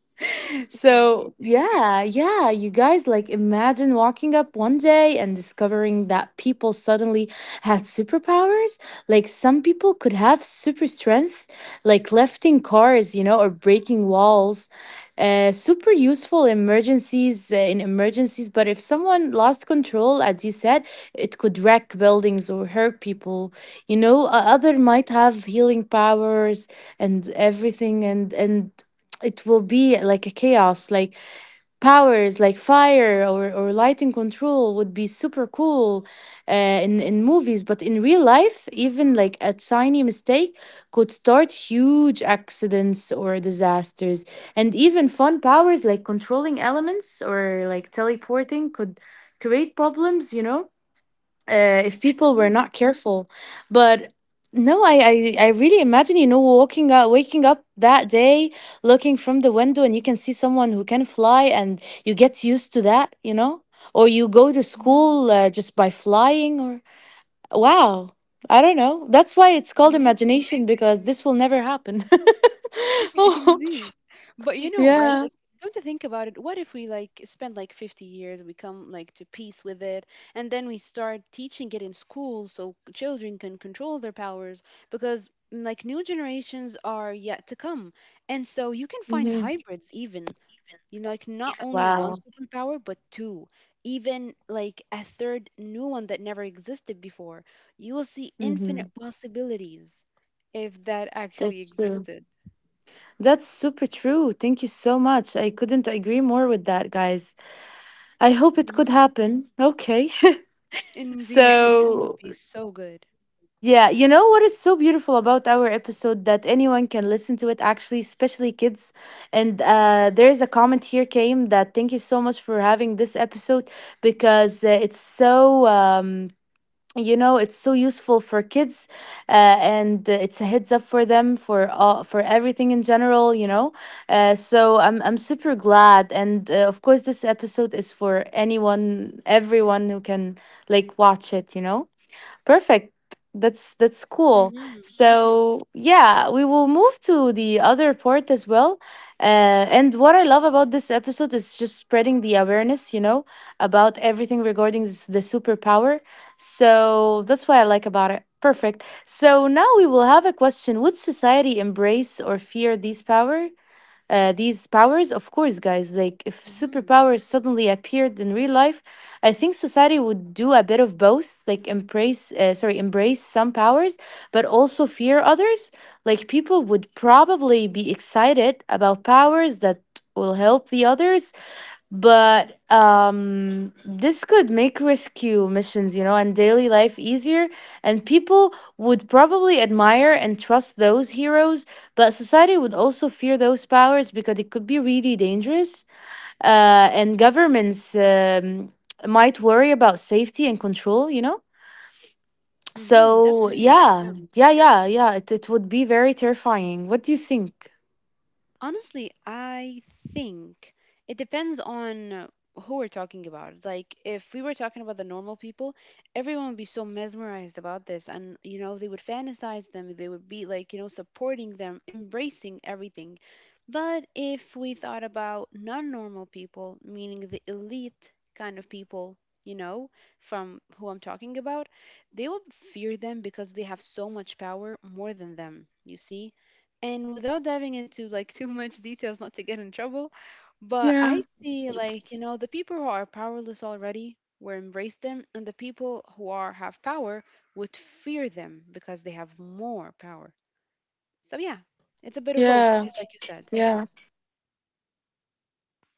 [SPEAKER 2] Indeed.
[SPEAKER 1] So, yeah, yeah, you guys like imagine walking up one day and discovering that people suddenly had superpowers. Like, some people could have super strength, like lifting cars, you know, or breaking walls. Super useful emergencies In emergencies, but if someone lost control, as you said, it could wreck buildings or hurt people, you know. Other might have healing powers, and everything, and it will be like a chaos. Like powers like fire, or lighting control would be super cool in movies, but in real life even like a tiny mistake could start huge accidents or disasters. And even fun powers like controlling elements or like teleporting could create problems, you know, if people were
[SPEAKER 2] Mhm.
[SPEAKER 1] not careful. But no, I really imagine, you know, walking out, waking up that day, looking from the window, and you can see someone who can fly, and you get used to that, you know? Or you go to
[SPEAKER 2] Mhm.
[SPEAKER 1] school just by flying, or wow, I don't know. That's why it's
[SPEAKER 2] It's
[SPEAKER 1] called
[SPEAKER 2] amazing.
[SPEAKER 1] imagination because this will never happen. Oh,
[SPEAKER 2] Indeed. But you know what? Like,
[SPEAKER 1] yeah.
[SPEAKER 2] come to think about it, what if we like spend like 50 years, we come like to peace with it, and then we start teaching it in school so children can control their powers because mm, like new generations are yet to come. And so you can find
[SPEAKER 1] Hmm.
[SPEAKER 2] hybrids even. You know, like not only one
[SPEAKER 1] Wow.
[SPEAKER 2] superpower, but two, even like a third new one that never existed before. You will see
[SPEAKER 1] Hmm.
[SPEAKER 2] infinite possibilities if that actually
[SPEAKER 1] That's true.
[SPEAKER 2] existed.
[SPEAKER 1] That's super true. Thank you so much. I couldn't agree more with that, guys. I hope it could
[SPEAKER 2] Hmm.
[SPEAKER 1] happen. Okay.
[SPEAKER 2] Indeed, that would
[SPEAKER 1] So,
[SPEAKER 2] be so good.
[SPEAKER 1] yeah, you know what is so beautiful about our episode, that anyone can listen to it, actually, especially kids. And there's a comment here came that thank you so much for having this episode because it's so it's so useful for kids, uh, and it's a heads up for them for all, for everything in general, so I'm super glad, and of course this episode is for anyone, everyone who can like watch it. Perfect. That's cool.
[SPEAKER 2] Mm-hmm.
[SPEAKER 1] So yeah, we will move to the other part as well. And what I love about this episode is just spreading the awareness, about everything regarding this, the superpower. So that's what I like about it. Perfect. So now we will have a question: would society embrace or fear this power? These powers, of course, guys, like if
[SPEAKER 2] Mm-hmm.
[SPEAKER 1] superpowers suddenly appeared in real life, I think society would do a bit of both, like embrace, sorry, embrace some powers, but also fear others. Like people would probably be excited about powers that will help the others, but this could make rescue missions and daily life easier, and people would probably admire and trust those heroes. But society would also fear those powers because it could be really dangerous, and governments might worry about safety and control.
[SPEAKER 2] Mm-hmm.
[SPEAKER 1] So
[SPEAKER 2] Definitely. Yeah.
[SPEAKER 1] yeah, yeah, yeah, yeah, it would be very terrifying. What do you think?
[SPEAKER 2] Honestly, I think it depends on who we're talking about. Like, if we were talking about the normal people, everyone would be so mesmerized about this. And, you know, they would fantasize them. They would be, like, you know, supporting them, embracing everything. But if we thought about non normal people, meaning the elite kind of people, you know, from who I'm talking about, they would fear them because they have so much power more than them, you see? And without diving into like too much details, not to get in trouble, but
[SPEAKER 1] Yeah,
[SPEAKER 2] I see like, you know, the people who are powerless already will embrace them, and the people who are have power would fear them because they have more power. So yeah, it's a bit of both,
[SPEAKER 1] yeah,
[SPEAKER 2] just like you said.
[SPEAKER 1] yeah.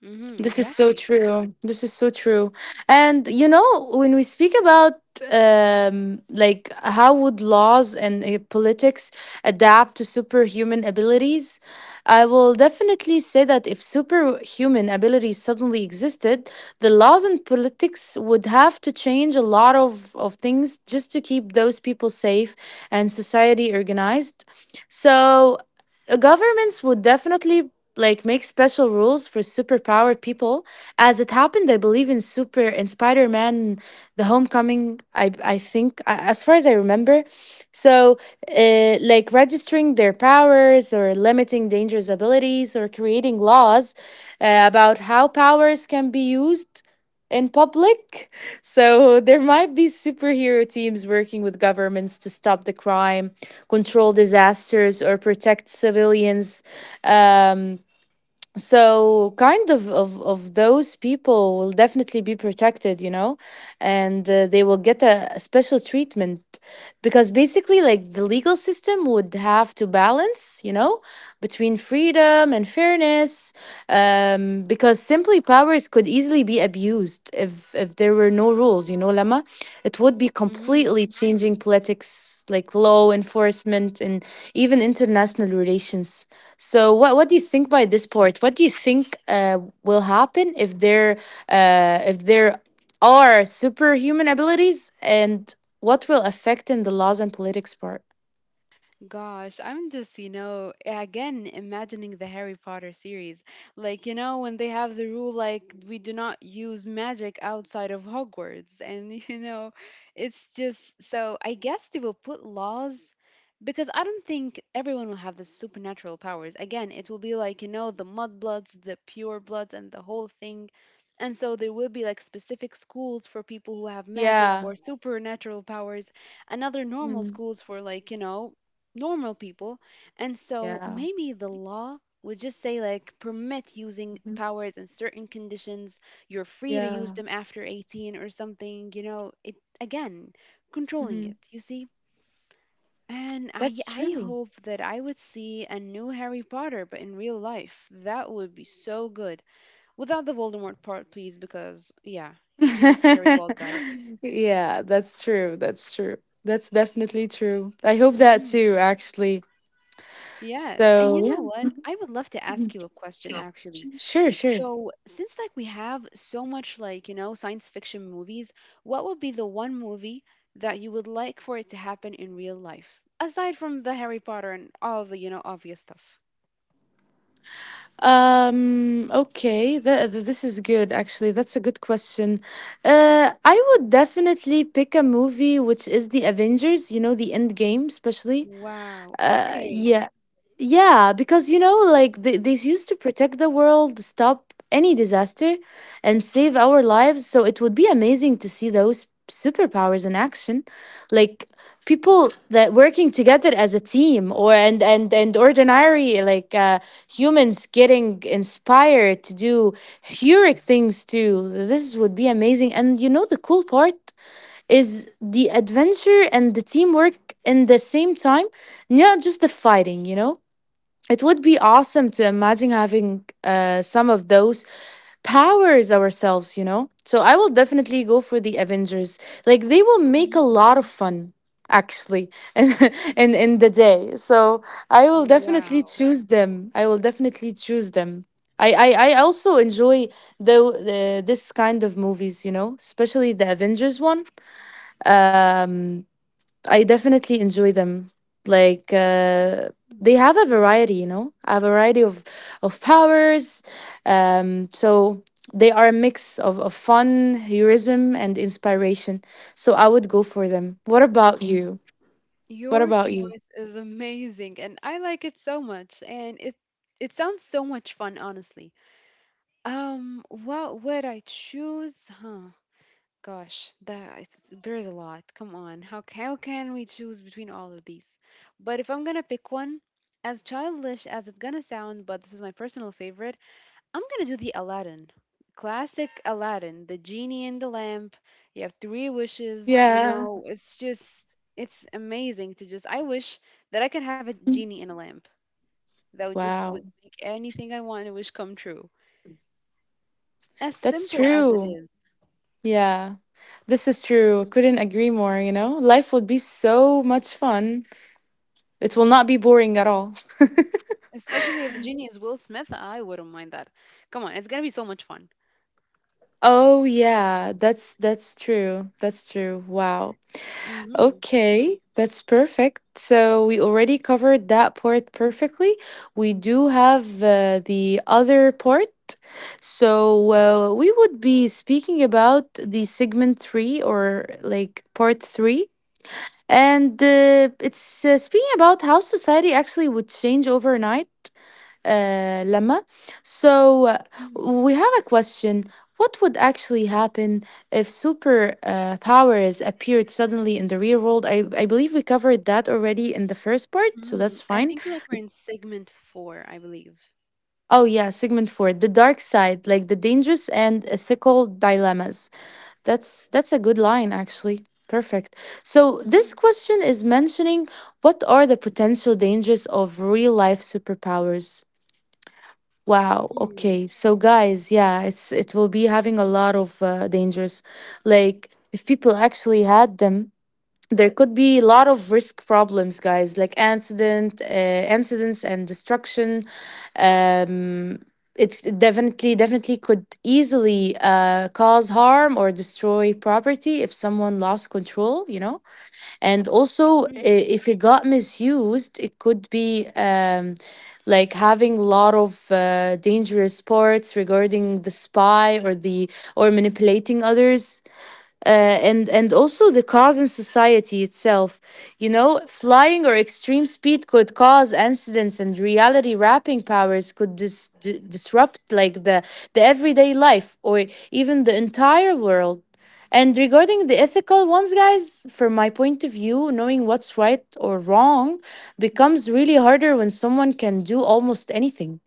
[SPEAKER 2] Mm-hmm,
[SPEAKER 1] This is so
[SPEAKER 2] exactly.
[SPEAKER 1] true. This is so true. And when we speak about like how would laws and politics adapt to superhuman abilities, I will definitely say that if superhuman abilities suddenly existed, the laws and politics would have to change a lot of things just to keep those people safe and society organized. So governments would definitely like make special rules for superpowered people. As it happened, I believe in Super and Spider Man, The Homecoming. I think, as far as I remember, so like registering their powers, or limiting dangerous abilities, or creating laws about how powers can be used in public. So there might be superhero teams working with governments to stop the crime, control disasters, or protect civilians. Um, so kind of, of those people will definitely be protected, and they will get a special treatment, because basically like the legal system would have to balance between freedom and fairness, because simply powers could easily be abused if there were no rules, Lama. It would be
[SPEAKER 2] Mm-hmm.
[SPEAKER 1] completely changing politics, like law enforcement and even international relations. So what do you think by this part? What do you think will happen if there uh, if there are superhuman abilities, and what will affect in the laws and politics part?
[SPEAKER 2] Gosh, I'm just, you know, again imagining the Harry Potter series. Like, you know, when they have the rule like we do not use magic outside of Hogwarts. And, you know, it's just so I guess they will put laws because I don't think everyone will have the supernatural powers. Again, it will be like, you know, the mudbloods, the pure bloods and the whole thing. And so there will be like specific schools for people who have magic
[SPEAKER 1] Yeah.
[SPEAKER 2] or supernatural powers and other normal
[SPEAKER 1] Mm.
[SPEAKER 2] schools for like, you know, normal people. And so
[SPEAKER 1] Yeah.
[SPEAKER 2] maybe the law would just say like permit using
[SPEAKER 1] Mhm.
[SPEAKER 2] powers in certain conditions. You're free to use
[SPEAKER 1] Yeah.
[SPEAKER 2] them after 18 or something, you know. It again, controlling
[SPEAKER 1] Mhm.
[SPEAKER 2] it, you see? And I
[SPEAKER 1] That's
[SPEAKER 2] I
[SPEAKER 1] true.
[SPEAKER 2] hope that I would see a new Harry Potter but in real life. That would be so good. Without the Voldemort part, please, because yeah, he's a scary bald guy.
[SPEAKER 1] Yeah, that's true. That's true. That's definitely true. I hope that
[SPEAKER 2] Hmm.
[SPEAKER 1] too, actually.
[SPEAKER 2] Yes. And
[SPEAKER 1] So,
[SPEAKER 2] you
[SPEAKER 1] yeah,
[SPEAKER 2] know what? I would love to ask you a question actually.
[SPEAKER 1] sure, sure.
[SPEAKER 2] So, since like we have so much like, you know, science fiction movies, what would be the one movie that you would like for it to happen in real life? Aside from the Harry Potter and all the, you know, obvious stuff.
[SPEAKER 1] Okay, this is good, actually. That's a good question. I would definitely pick a movie, which is the Avengers, the end game, especially.
[SPEAKER 2] Wow. Okay.
[SPEAKER 1] Yeah, yeah, because they used to protect the world, stop any disaster, and save our lives, so it would be amazing to see those superpowers in action, like people that working together as a team, or and ordinary like humans getting inspired to do heroic things too. This would be amazing, and the cool part is the adventure and the teamwork in the same time, not just the fighting, you know? It would be awesome to imagine having some of those powers ourselves, you know? So I will definitely go for the Avengers. Like, they will make a
[SPEAKER 2] Mhm.
[SPEAKER 1] lot of fun, actually, in, in the day. So I will definitely
[SPEAKER 2] Wow.
[SPEAKER 1] choose them. I will definitely choose them. I also enjoy the, the this kind of movies, especially the Avengers one. Um, I definitely enjoy them. Like they
[SPEAKER 2] Mhm.
[SPEAKER 1] have a variety, a variety of powers. So they are a mix of fun, heroism, and inspiration. So I would go for them. What about you? What
[SPEAKER 2] Your
[SPEAKER 1] about you?
[SPEAKER 2] choice is amazing and I like it so much and it sounds so much fun, honestly. What would I choose? Huh. Gosh, that is- there is a lot. Come on, how how can we choose between all of these? But if I'm gonna pick one, as childish as it's gonna sound, but this is my personal favorite, I'm gonna do the Aladdin. Classic Aladdin, the genie in the lamp. You have three wishes. You
[SPEAKER 1] Yeah.
[SPEAKER 2] know, it's just it's amazing to just. I wish that I could have a genie in a lamp. That would just would
[SPEAKER 1] Wow.
[SPEAKER 2] make anything I want and wish come true. As
[SPEAKER 1] That's
[SPEAKER 2] simple as it
[SPEAKER 1] true.
[SPEAKER 2] is.
[SPEAKER 1] Yeah. This is true. Couldn't agree more, you know? Life would be so much fun. It will not be boring at all.
[SPEAKER 2] Especially if the genie is Will Smith, I wouldn't mind that. Come on, it's gonna be so much fun.
[SPEAKER 1] Oh yeah, that's true. That's true. Wow.
[SPEAKER 2] Mm-hmm.
[SPEAKER 1] Okay, that's perfect. So we already covered that part perfectly. We do have the other part. So we would be speaking about the segment 3 or like part 3, and it's speaking about how society actually would change overnight, Lama. So
[SPEAKER 2] Mm-hmm.
[SPEAKER 1] we have a question: what would actually happen if super powers appeared suddenly in the real world? I believe we covered that already in the first part, so
[SPEAKER 2] Mm-hmm.
[SPEAKER 1] that's
[SPEAKER 2] I
[SPEAKER 1] fine.
[SPEAKER 2] think like we're in segment four, I believe.
[SPEAKER 1] Oh, yeah, segment four, the dark side, like the dangerous and ethical dilemmas. That's a good line, actually. Perfect. So
[SPEAKER 2] Mm-hmm.
[SPEAKER 1] this question is mentioning: what are the potential dangers of real life superpowers? Wow.
[SPEAKER 2] Mm-hmm.
[SPEAKER 1] Okay. So guys, yeah, it will be having a lot of dangers. Like if people actually had them, there could be a lot of risk problems, guys, like incidents and destruction. Um it definitely could easily cause harm or destroy property if someone lost control, you know? And also, if it got misused, it could be like having a lot of dangerous parts regarding the spy, or manipulating others, and also the cause in society itself. You know, flying or extreme speed could cause accidents, and reality wrapping powers could disrupt, like the everyday life or even the entire world. And regarding the ethical ones, guys, from my point of view, knowing what's right or wrong becomes really harder when someone can do almost anything.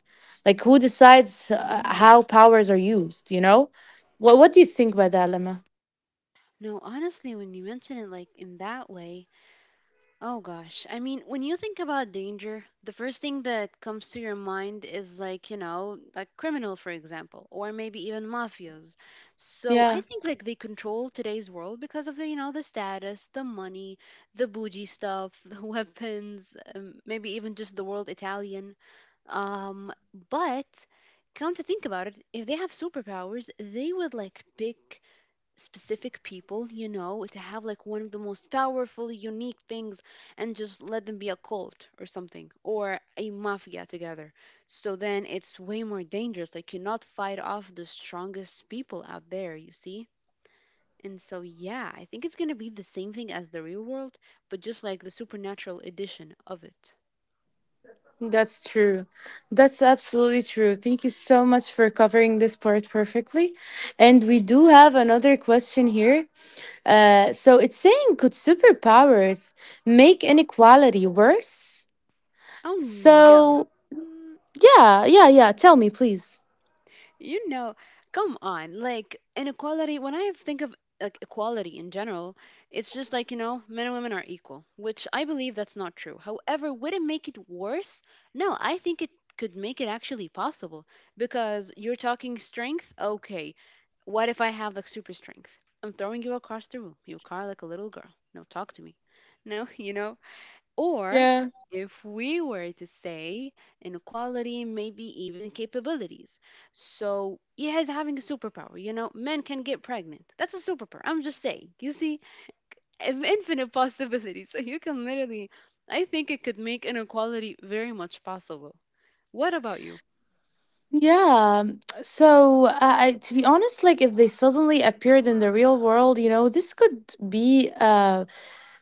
[SPEAKER 1] Like, who decides
[SPEAKER 2] Mm-hmm.
[SPEAKER 1] how powers are used, you know? What do you think about that, Lema?
[SPEAKER 2] No, honestly, when you mention it like in that way, oh gosh. I mean, when you think about danger, the first thing that comes to your mind is like, you know, like criminals, for example, or maybe even mafias. So I
[SPEAKER 1] Yeah.
[SPEAKER 2] think like they control today's world because of the, you know, the status, the money, the bougie stuff, the weapons, maybe even just the world Italian. Um, but come to think about it, if they have superpowers, they would like pick specific people, you know, to have like one of the most powerful, unique things and just let them be a cult or something or a mafia together. So then it's way more dangerous. Like, you not fight off the strongest people out there, you see? And so, yeah, I think it's going to be the same thing as the real world, but just like the supernatural edition of it.
[SPEAKER 1] That's true. That's absolutely true. Thank you so much for covering this part perfectly. And we do have another question here. So it's saying: could superpowers make inequality worse?
[SPEAKER 2] Oh no.
[SPEAKER 1] So, yeah, yeah, yeah. Tell me, please.
[SPEAKER 2] You know, come on. Like inequality, when I think of like equality in general, it's just like, you know, men and women are equal, which I believe that's not true. However, would it make it worse? No, I think it could make it actually possible because you're talking strength. Okay, what if I have like super strength? I'm throwing you across the room. You cry like a little girl. No, talk to me. No, you know, or
[SPEAKER 1] Yeah.
[SPEAKER 2] if we were to say inequality, maybe even capabilities. So he has having a superpower. You know, men can get pregnant. That's a superpower. I'm just saying. You see, if infinite possibilities. So you can literally, I think it could make inequality very much possible. What about you?
[SPEAKER 1] Yeah. So, to be honest, like if they suddenly appeared in the real world, this could be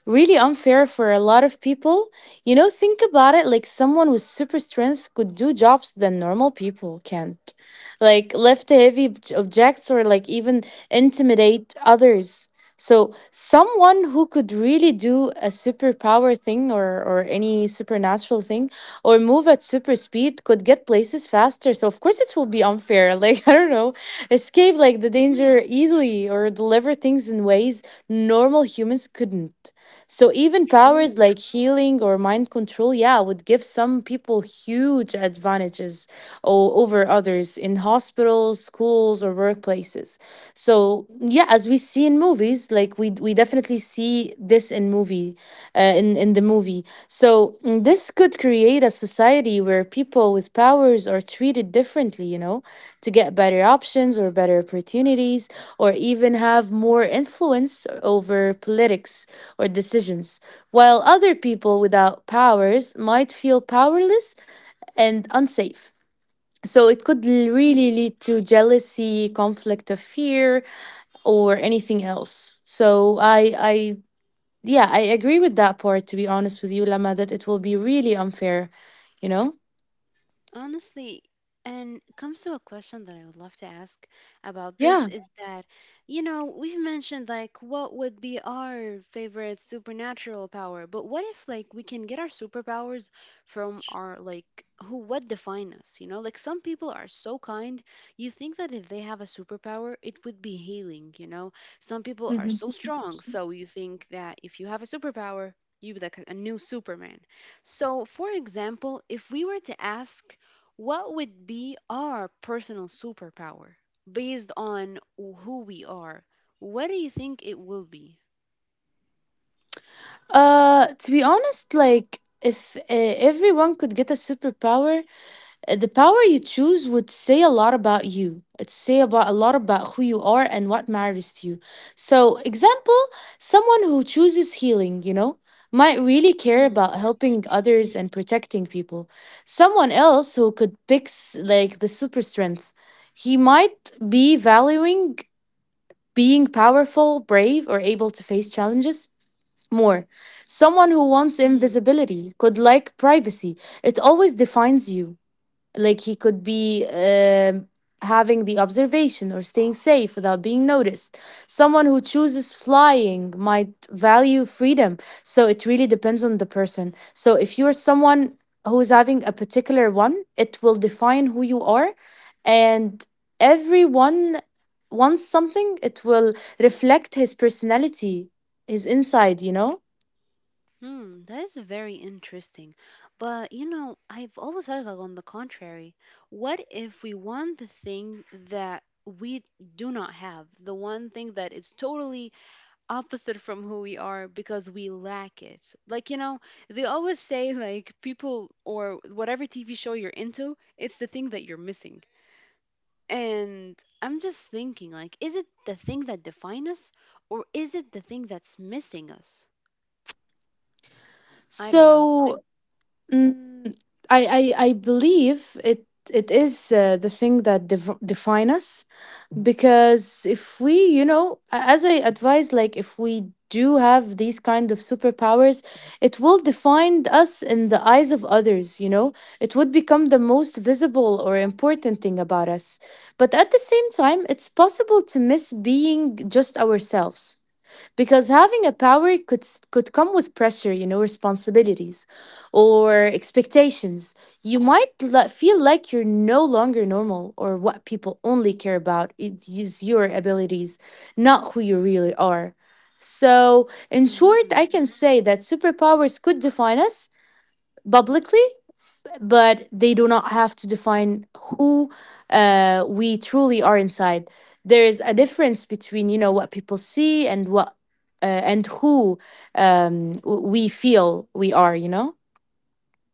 [SPEAKER 1] really unfair for a lot of people. Think about it, like someone with super strength could do jobs that normal people can't, like lift heavy objects, or like even intimidate others. So someone who could really do a superpower thing, or any supernatural thing, or move at super speed could get places faster. So, of course, it will be unfair. Like, I don't know, escape like the
[SPEAKER 2] Hmm.
[SPEAKER 1] danger easily, or deliver things in ways normal humans couldn't. So even powers
[SPEAKER 2] True.
[SPEAKER 1] like healing or mind control, yeah, would give some people huge advantages over others in hospitals, schools, or workplaces. So yeah, as we see in movies, like we definitely see this in movie, in the movie. So this could create a society where people with powers are treated differently, to get better options or better opportunities, or even have more influence over politics or decisions, while other people without powers might feel powerless and unsafe. So it could really lead to jealousy, conflict of fear, or anything else. So yeah, I agree with that part. To be honest with you, Lama, that it will be really unfair. You know?
[SPEAKER 2] Honestly, and comes to a question that I would love to ask about this
[SPEAKER 1] Yeah.
[SPEAKER 2] is that, you know, we've mentioned like what would be our favorite supernatural power, but what if like we can get our superpowers from our like who what define us, you know? Like some people are so kind, you think that if they have a superpower, it would be healing, you know? Some people are so
[SPEAKER 1] Mhm.
[SPEAKER 2] strong, so you think that if you have a superpower, you'd be like a new Superman. So, for example, if we were to ask what would be our personal superpower based on who we are? What do you think it will be?
[SPEAKER 1] To be honest, like if everyone could get a superpower. The power you choose would say a lot about you. It say about a lot about who you are and what matters to you. So, example, someone who chooses healing, might really care
[SPEAKER 2] Mm-hmm.
[SPEAKER 1] about helping others and protecting people. Someone else who could pick, like the super strength, he might be valuing being powerful, brave, or able to face challenges more. Someone who wants
[SPEAKER 2] Mm.
[SPEAKER 1] invisibility could like privacy. It always defines you, like he could be, having the observation or staying safe without being noticed. Someone who chooses flying might value freedom. So it really depends on the person. So if you're someone who is having a particular one, it will define who you are. And everyone wants something, it will reflect his personality, his inside, you know?
[SPEAKER 2] Mm, that is very interesting. But you know, I've always thought like on the contrary. What if we want the thing that we do not have, the one thing that is totally opposite from who we are because we lack it? Like, you know, they always say like people or whatever TV show you're into, it's the thing that you're missing. And I'm just thinking, like, is it the thing that defines us or is it the thing that's missing us? I don't know.
[SPEAKER 1] So Mm, I believe it is the thing that define us, because if we, you know, as I advise, like if we do have these kind of superpowers, it will define us in the eyes of others, you know. It would become the most visible or important thing about us. But at the same time, it's possible to miss being just ourselves, because having a power could could come with pressure, you know, responsibilities or expectations. You might feel like you're no longer normal, or what people only care about is your abilities, not who you really are. So in short,
[SPEAKER 2] Mhm.
[SPEAKER 1] I can say that superpowers could define us publicly, but they do not have to define who we truly are inside. There is a difference between, you know, what people see and what and who we feel we are. You know.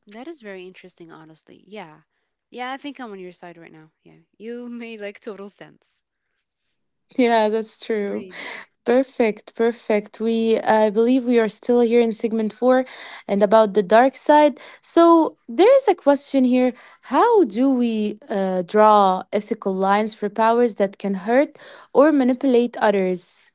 [SPEAKER 2] That is very interesting, honestly. Yeah. Yeah, I think I'm on your side right now. Yeah. You made like total sense.
[SPEAKER 1] Yeah, that's true.
[SPEAKER 2] Agreed.
[SPEAKER 1] Perfect, perfect. We, I believe, we are still here in segment four, and about the dark side. So there is a question here: how do we draw ethical lines for powers that can hurt or manipulate others?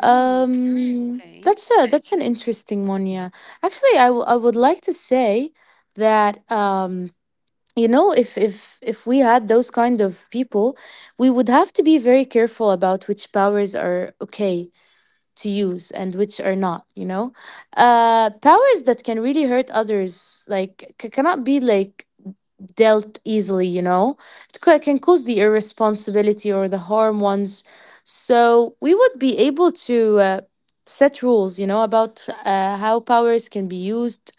[SPEAKER 2] Mm, okay.
[SPEAKER 1] That's a that's an interesting one. Yeah, actually, I would like to say that you know, if we had those kind of people, we would have to be very careful about which powers are okay to use and which are not. You know, powers that can really hurt others, like cannot be like dealt easily, you know. It can cause the irresponsibility or the harm ones. So we would be able to set rules, you know, about how powers can be used.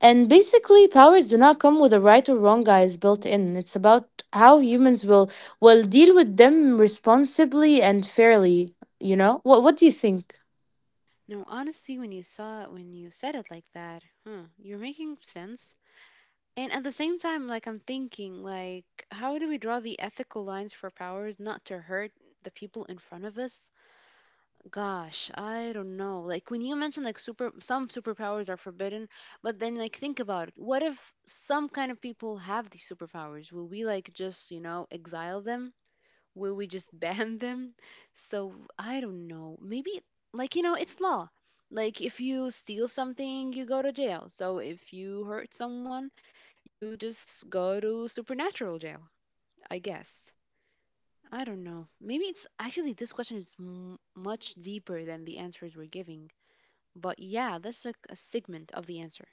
[SPEAKER 1] And basically, powers do not come with a right or wrong, guys, built in. It's about how humans will deal with them responsibly and fairly. You know, what do you think?
[SPEAKER 2] No, honestly, when you saw when you said it like that, huh, you're making sense. And at the same time, like I'm thinking, like, how do we draw the ethical lines for powers not to hurt the people in front of us? Gosh, I don't know. Like when you mentioned like super some superpowers are forbidden, but then like think about it. What if some kind of people have these superpowers? Will we like just, you know, exile them? Will we just ban them? So I don't know. Maybe like you know, it's law. Like if you steal something, you go to jail. So if you hurt someone, you just go to supernatural jail, I guess. I don't know. Maybe it's actually this question is much deeper than the answers we're giving. But yeah, that's like a segment of the answer.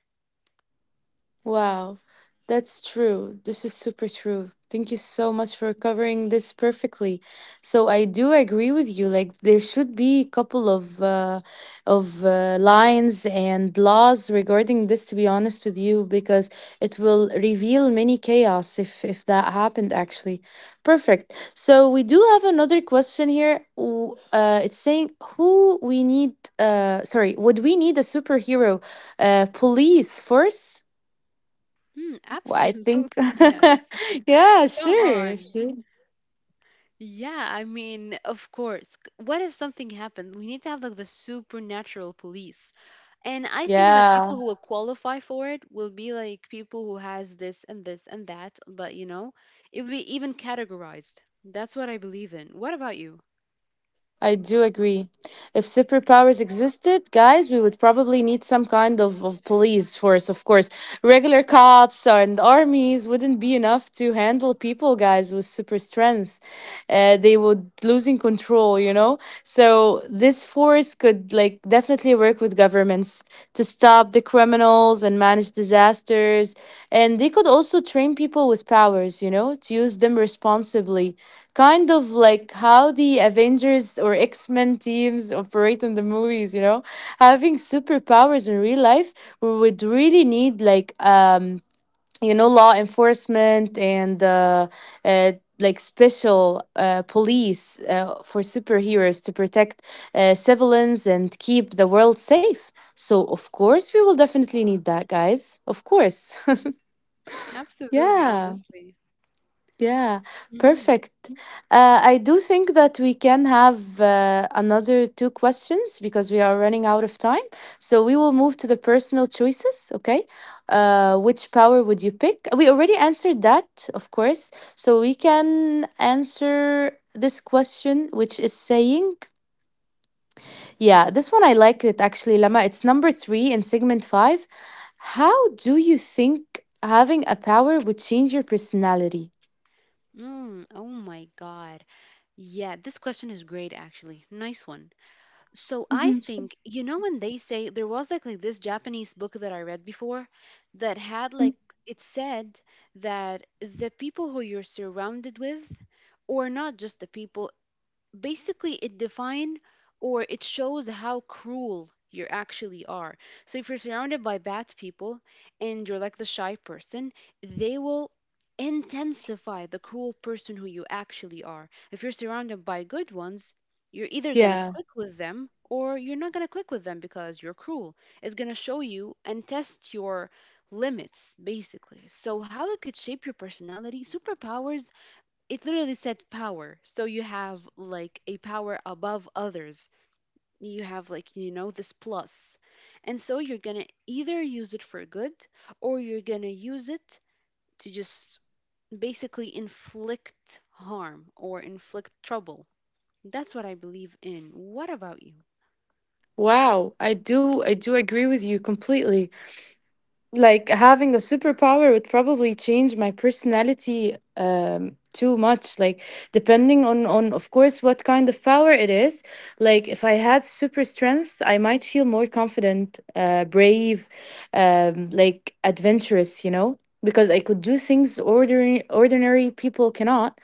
[SPEAKER 1] Wow, that's true. This is super true. Thank you so much for covering this perfectly. So I do agree with you. Like there should be a couple of lines and laws regarding this. To be honest with you, because it will reveal many chaos if that happened. Actually, perfect. So we do have another question here. It's saying who we need. Sorry, would we need a superhero police force? Well, I think,
[SPEAKER 2] Absolutely, yes.
[SPEAKER 1] yeah,
[SPEAKER 2] Come
[SPEAKER 1] sure,
[SPEAKER 2] on.
[SPEAKER 1] sure.
[SPEAKER 2] Yeah, I mean, of course. What if something happened? We need to have like the supernatural police. And I think that
[SPEAKER 1] Yeah.
[SPEAKER 2] people who will qualify for it will be like people who has this and this and that, but you know, it will be even categorized. That's what I believe in. What about you?
[SPEAKER 1] I do agree. If superpowers existed, guys, we would probably need some kind of police force, of course. Regular cops and armies wouldn't be enough to handle people, guys, with super strength. They would losing control, you know? So this force could like definitely work with governments to stop the criminals and manage disasters. And they could also train people with powers, you know, to use them responsibly, kind of like how the Avengers or X Men teams operate in the movies, you know? Having superpowers in real life, we would really need like, you know, law enforcement and uh, like special police for superheroes to protect civilians and keep the world safe. So, of course, we will definitely need that, guys. Of course.
[SPEAKER 2] Absolutely,
[SPEAKER 1] Yeah.
[SPEAKER 2] honestly.
[SPEAKER 1] Yeah, perfect. I do think that we can have another two questions because we are running out of time. So we will move to the personal choices, okay? Which power would you pick? We already answered that, of course. So we can answer this question, which is saying, yeah, this one I like it actually, Lama. It's number three in segment five. How do you think having a power would change your personality?
[SPEAKER 2] Oh my God. Yeah, this question is great, actually. Nice one. So I
[SPEAKER 1] Mhm.
[SPEAKER 2] think, you know, when they say there was like this Japanese book that I read before that had like, it said that the people who you're surrounded with, or not just the people, basically it define or it shows how cruel you actually are. So if you're surrounded by bad people and you're like the shy person, they will intensify the cruel person who you actually are. If you're surrounded by good ones, you're either going to
[SPEAKER 1] Yeah.
[SPEAKER 2] click with them or you're not going to click with them because you're cruel. It's going to show you and test your limits basically. So how it could shape your personality, superpowers it literally said power. So you have like a power above others. You have like, you know, this plus. And so you're going to either use it for good or you're going to use it to just basically inflict harm or inflict trouble. That's what I believe in. What about you?
[SPEAKER 1] Wow, I do agree with you completely. Like having a superpower would probably change my personality too much, like depending on of course what kind of power it is. Like if I had super strength, I might feel more confident, brave, like adventurous, you know, because I could do things ordinary people cannot.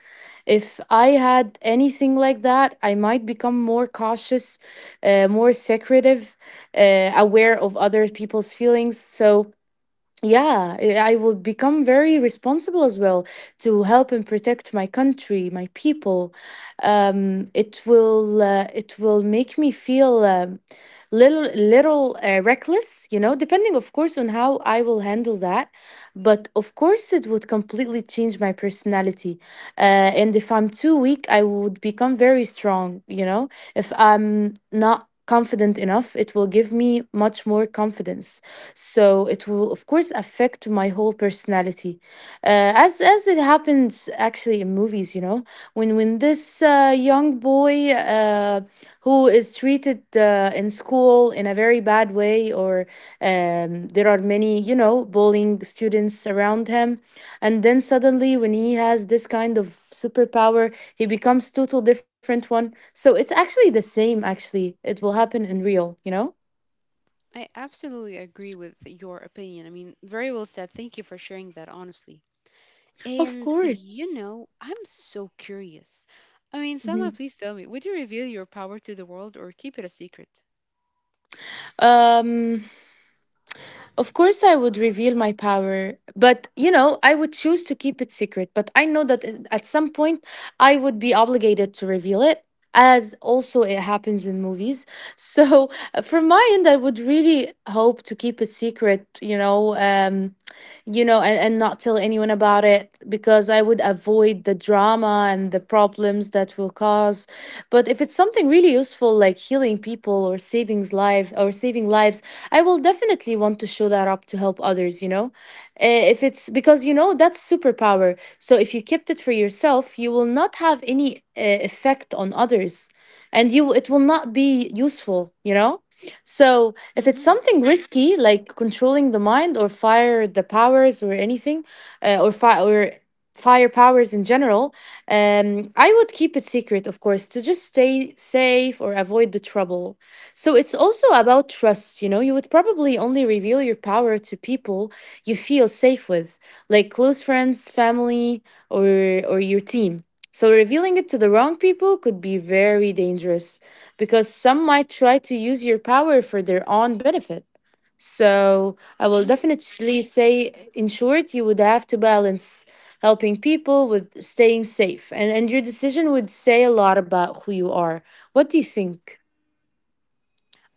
[SPEAKER 1] If I had anything like that, I might become more cautious, more secretive, aware of other people's feelings. So yeah, I will become very responsible as well, to help and protect my country, my people. It will make me feel little little reckless, you know, depending of course on how I will handle that. But of course, it would completely change my personality. And if I'm too weak, I would become very strong, you know? If I'm not confident enough, it will give me much more confidence. So it will, of course, affect my whole personality. As it happens actually in movies, you know, when this young boy who is treated in school in a very bad way, or there are many, you know, bullying students around him, and then suddenly when he has this kind of superpower, he becomes total different one. So it's actually the same, actually it will happen in real, you know.
[SPEAKER 2] I absolutely agree with your opinion. I mean, very well said. Thank you for sharing that, honestly.
[SPEAKER 1] Of
[SPEAKER 2] And
[SPEAKER 1] course.
[SPEAKER 2] you know, I'm so curious. I mean,
[SPEAKER 1] Mhm.
[SPEAKER 2] Sama, please tell me, would you reveal your power to the world or keep it a secret?
[SPEAKER 1] um Of course, I would reveal my power, but you know, I would choose to keep it secret. But I know that at some point I would be obligated to reveal it, as also it happens in movies. So, from my end, I would really hope to keep it secret, you know, and not tell anyone about it, because I would avoid the drama and the problems that will cause. But if it's something really useful, like healing people or saving life or saving lives, I will definitely want to show that up to help others, you know? If it's because, you know, that's superpower. So if you kept it for yourself, you will not have any effect on others, and you it will not be useful, you know? So if it's
[SPEAKER 2] Mm-hmm.
[SPEAKER 1] something risky like controlling the mind or fire the powers or anything, or fi- or fire powers in general, I would keep it secret, of course, to just stay safe or avoid the trouble. So it's also about trust, you know. You would probably only reveal your power to people you feel safe with, like close friends, family, or or your team. So revealing it to the wrong people could be very dangerous, because some might try to use your power for their own benefit. So I will
[SPEAKER 2] Mm-hmm.
[SPEAKER 1] definitely say, in short, you would have to balance helping people with staying safe, and your decision would say a lot about who you are. What do you think?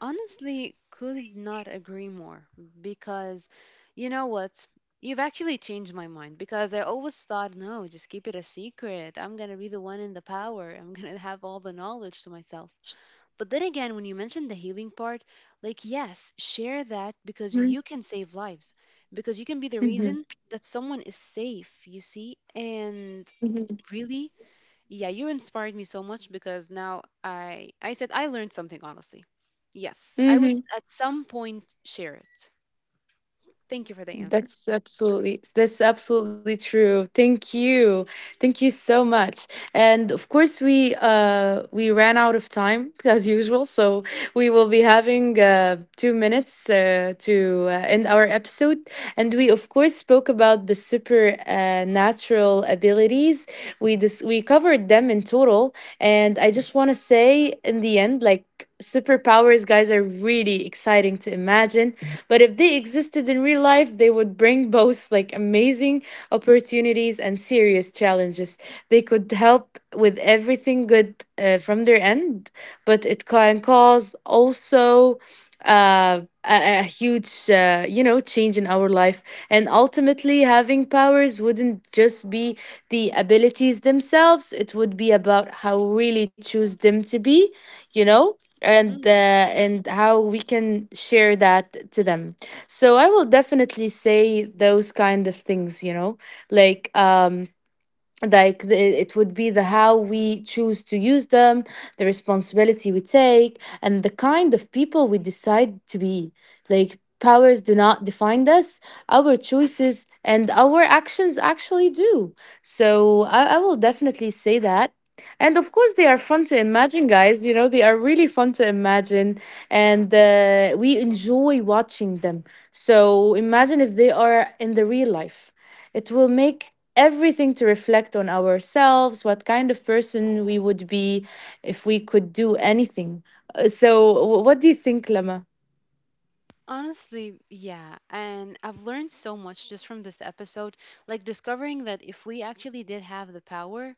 [SPEAKER 2] Honestly could not agree more because you know what, you've actually changed my mind because I always thought no, just keep it a secret, I'm gonna be the one in the power, I'm gonna have all the knowledge to myself. But then again, when you mentioned the healing part, like, yes, share that because you can save lives, because you can be the
[SPEAKER 1] Mhm.
[SPEAKER 2] reason that someone is safe, you see? And
[SPEAKER 1] Hmm.
[SPEAKER 2] really, yeah, you inspired me so much because now I said I learned something honestly. Yes, I would
[SPEAKER 1] Hmm.
[SPEAKER 2] at some point share it. Thank you for the answer.
[SPEAKER 1] That's absolutely true. Thank you. Thank you so much. And of course we ran out of time as usual, so we will be having 2 minutes to end our episode. And we of course spoke about the super natural abilities. We we covered them in total, and I just want to say in the end, like, superpowers, guys, are really exciting to imagine. But if they existed in real life, they would bring both like amazing opportunities and serious challenges. They could help with everything good from their end, but it can cause also a huge, you know, change in our life. And ultimately, having powers wouldn't just be the abilities themselves, it would be about how we really choose them to be, you know? and uh,
[SPEAKER 2] Hmm.
[SPEAKER 1] and how we can share that to them. So I will definitely say those kind of things, you know, like um like it would be the how we choose to use them, the responsibility we take, and the kind of people we decide to be. Like, powers do not define us. Our choices and our actions actually do. So I will definitely say that. And of course they are fun to imagine, guys, you know, they are really fun to imagine. And we enjoy watching them. So imagine if they are in the real life, it will make everything to reflect on ourselves, what kind of person we would be if we could do anything. So, what do you think, Lama?
[SPEAKER 2] Honestly, yeah. And I've learned so much just from this episode, like discovering that if we actually did have the power,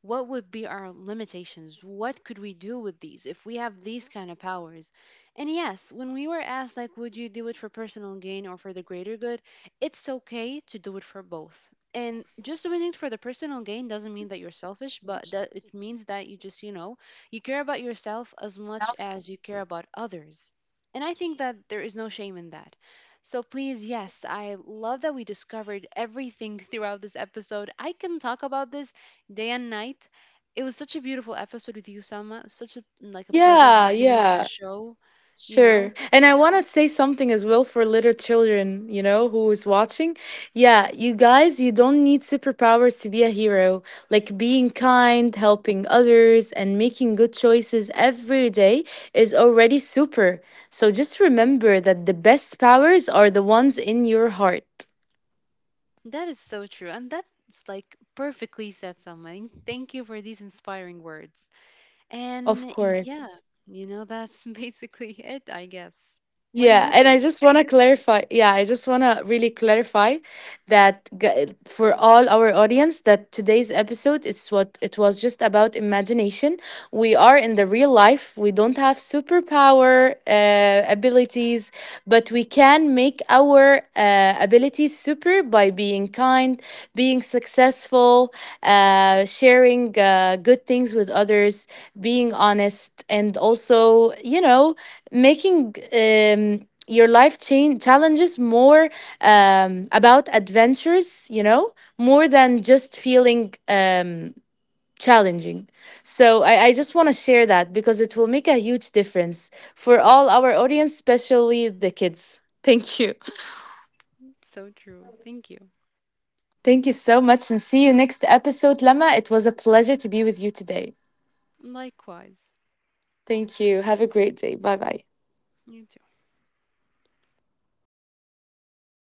[SPEAKER 2] what would be our limitations, what could we do with these if we have these kind of powers. And yes, when we were asked like would you do it for personal gain or for the greater good, it's okay to do it for both, and just doing it for the personal gain doesn't mean that you're selfish, but that it means that you just, you know, you care about yourself as much as you care about others. And I think that there is no shame in that. So please, yes, I love that we discovered everything throughout this episode. I can talk about this day and night. It was such a beautiful episode with you, Selma. Such a like a pleasure
[SPEAKER 1] Yeah,
[SPEAKER 2] having you on the
[SPEAKER 1] yeah,
[SPEAKER 2] show. You
[SPEAKER 1] sure.
[SPEAKER 2] know
[SPEAKER 1] And I want to say something as well for little children, you know, who is watching. Yeah, you guys, you don't need superpowers to be a hero. Like being kind, helping others, and making good choices every day is already super. So just remember that the best powers are the ones in your heart.
[SPEAKER 2] that is so true, and that's like perfectly said, Selma. And thank you for these inspiring words.
[SPEAKER 1] Of
[SPEAKER 2] And yeah,
[SPEAKER 1] course.
[SPEAKER 2] you know that's basically it, I guess. What do
[SPEAKER 1] Yeah,
[SPEAKER 2] you
[SPEAKER 1] and I
[SPEAKER 2] think?
[SPEAKER 1] just want to clarify. Yeah, I just want to really clarify that for all our audience, that today's episode, it's what it was just about imagination. We are in the real life. We don't have superpower abilities, but we can make our abilities super by being kind, being successful, sharing good things with others, being honest, and also, you know, making your life change challenges more about adventures, you know, more than just feeling challenging. So I just want to share that, because it will make a huge difference for all our audience, especially the kids. Thank you.
[SPEAKER 2] So true. Thank you.
[SPEAKER 1] Thank you so much, and see you next episode, Lama. It was a pleasure to be with you today.
[SPEAKER 2] Likewise.
[SPEAKER 1] Thank you. Have a great day. Bye bye.
[SPEAKER 2] You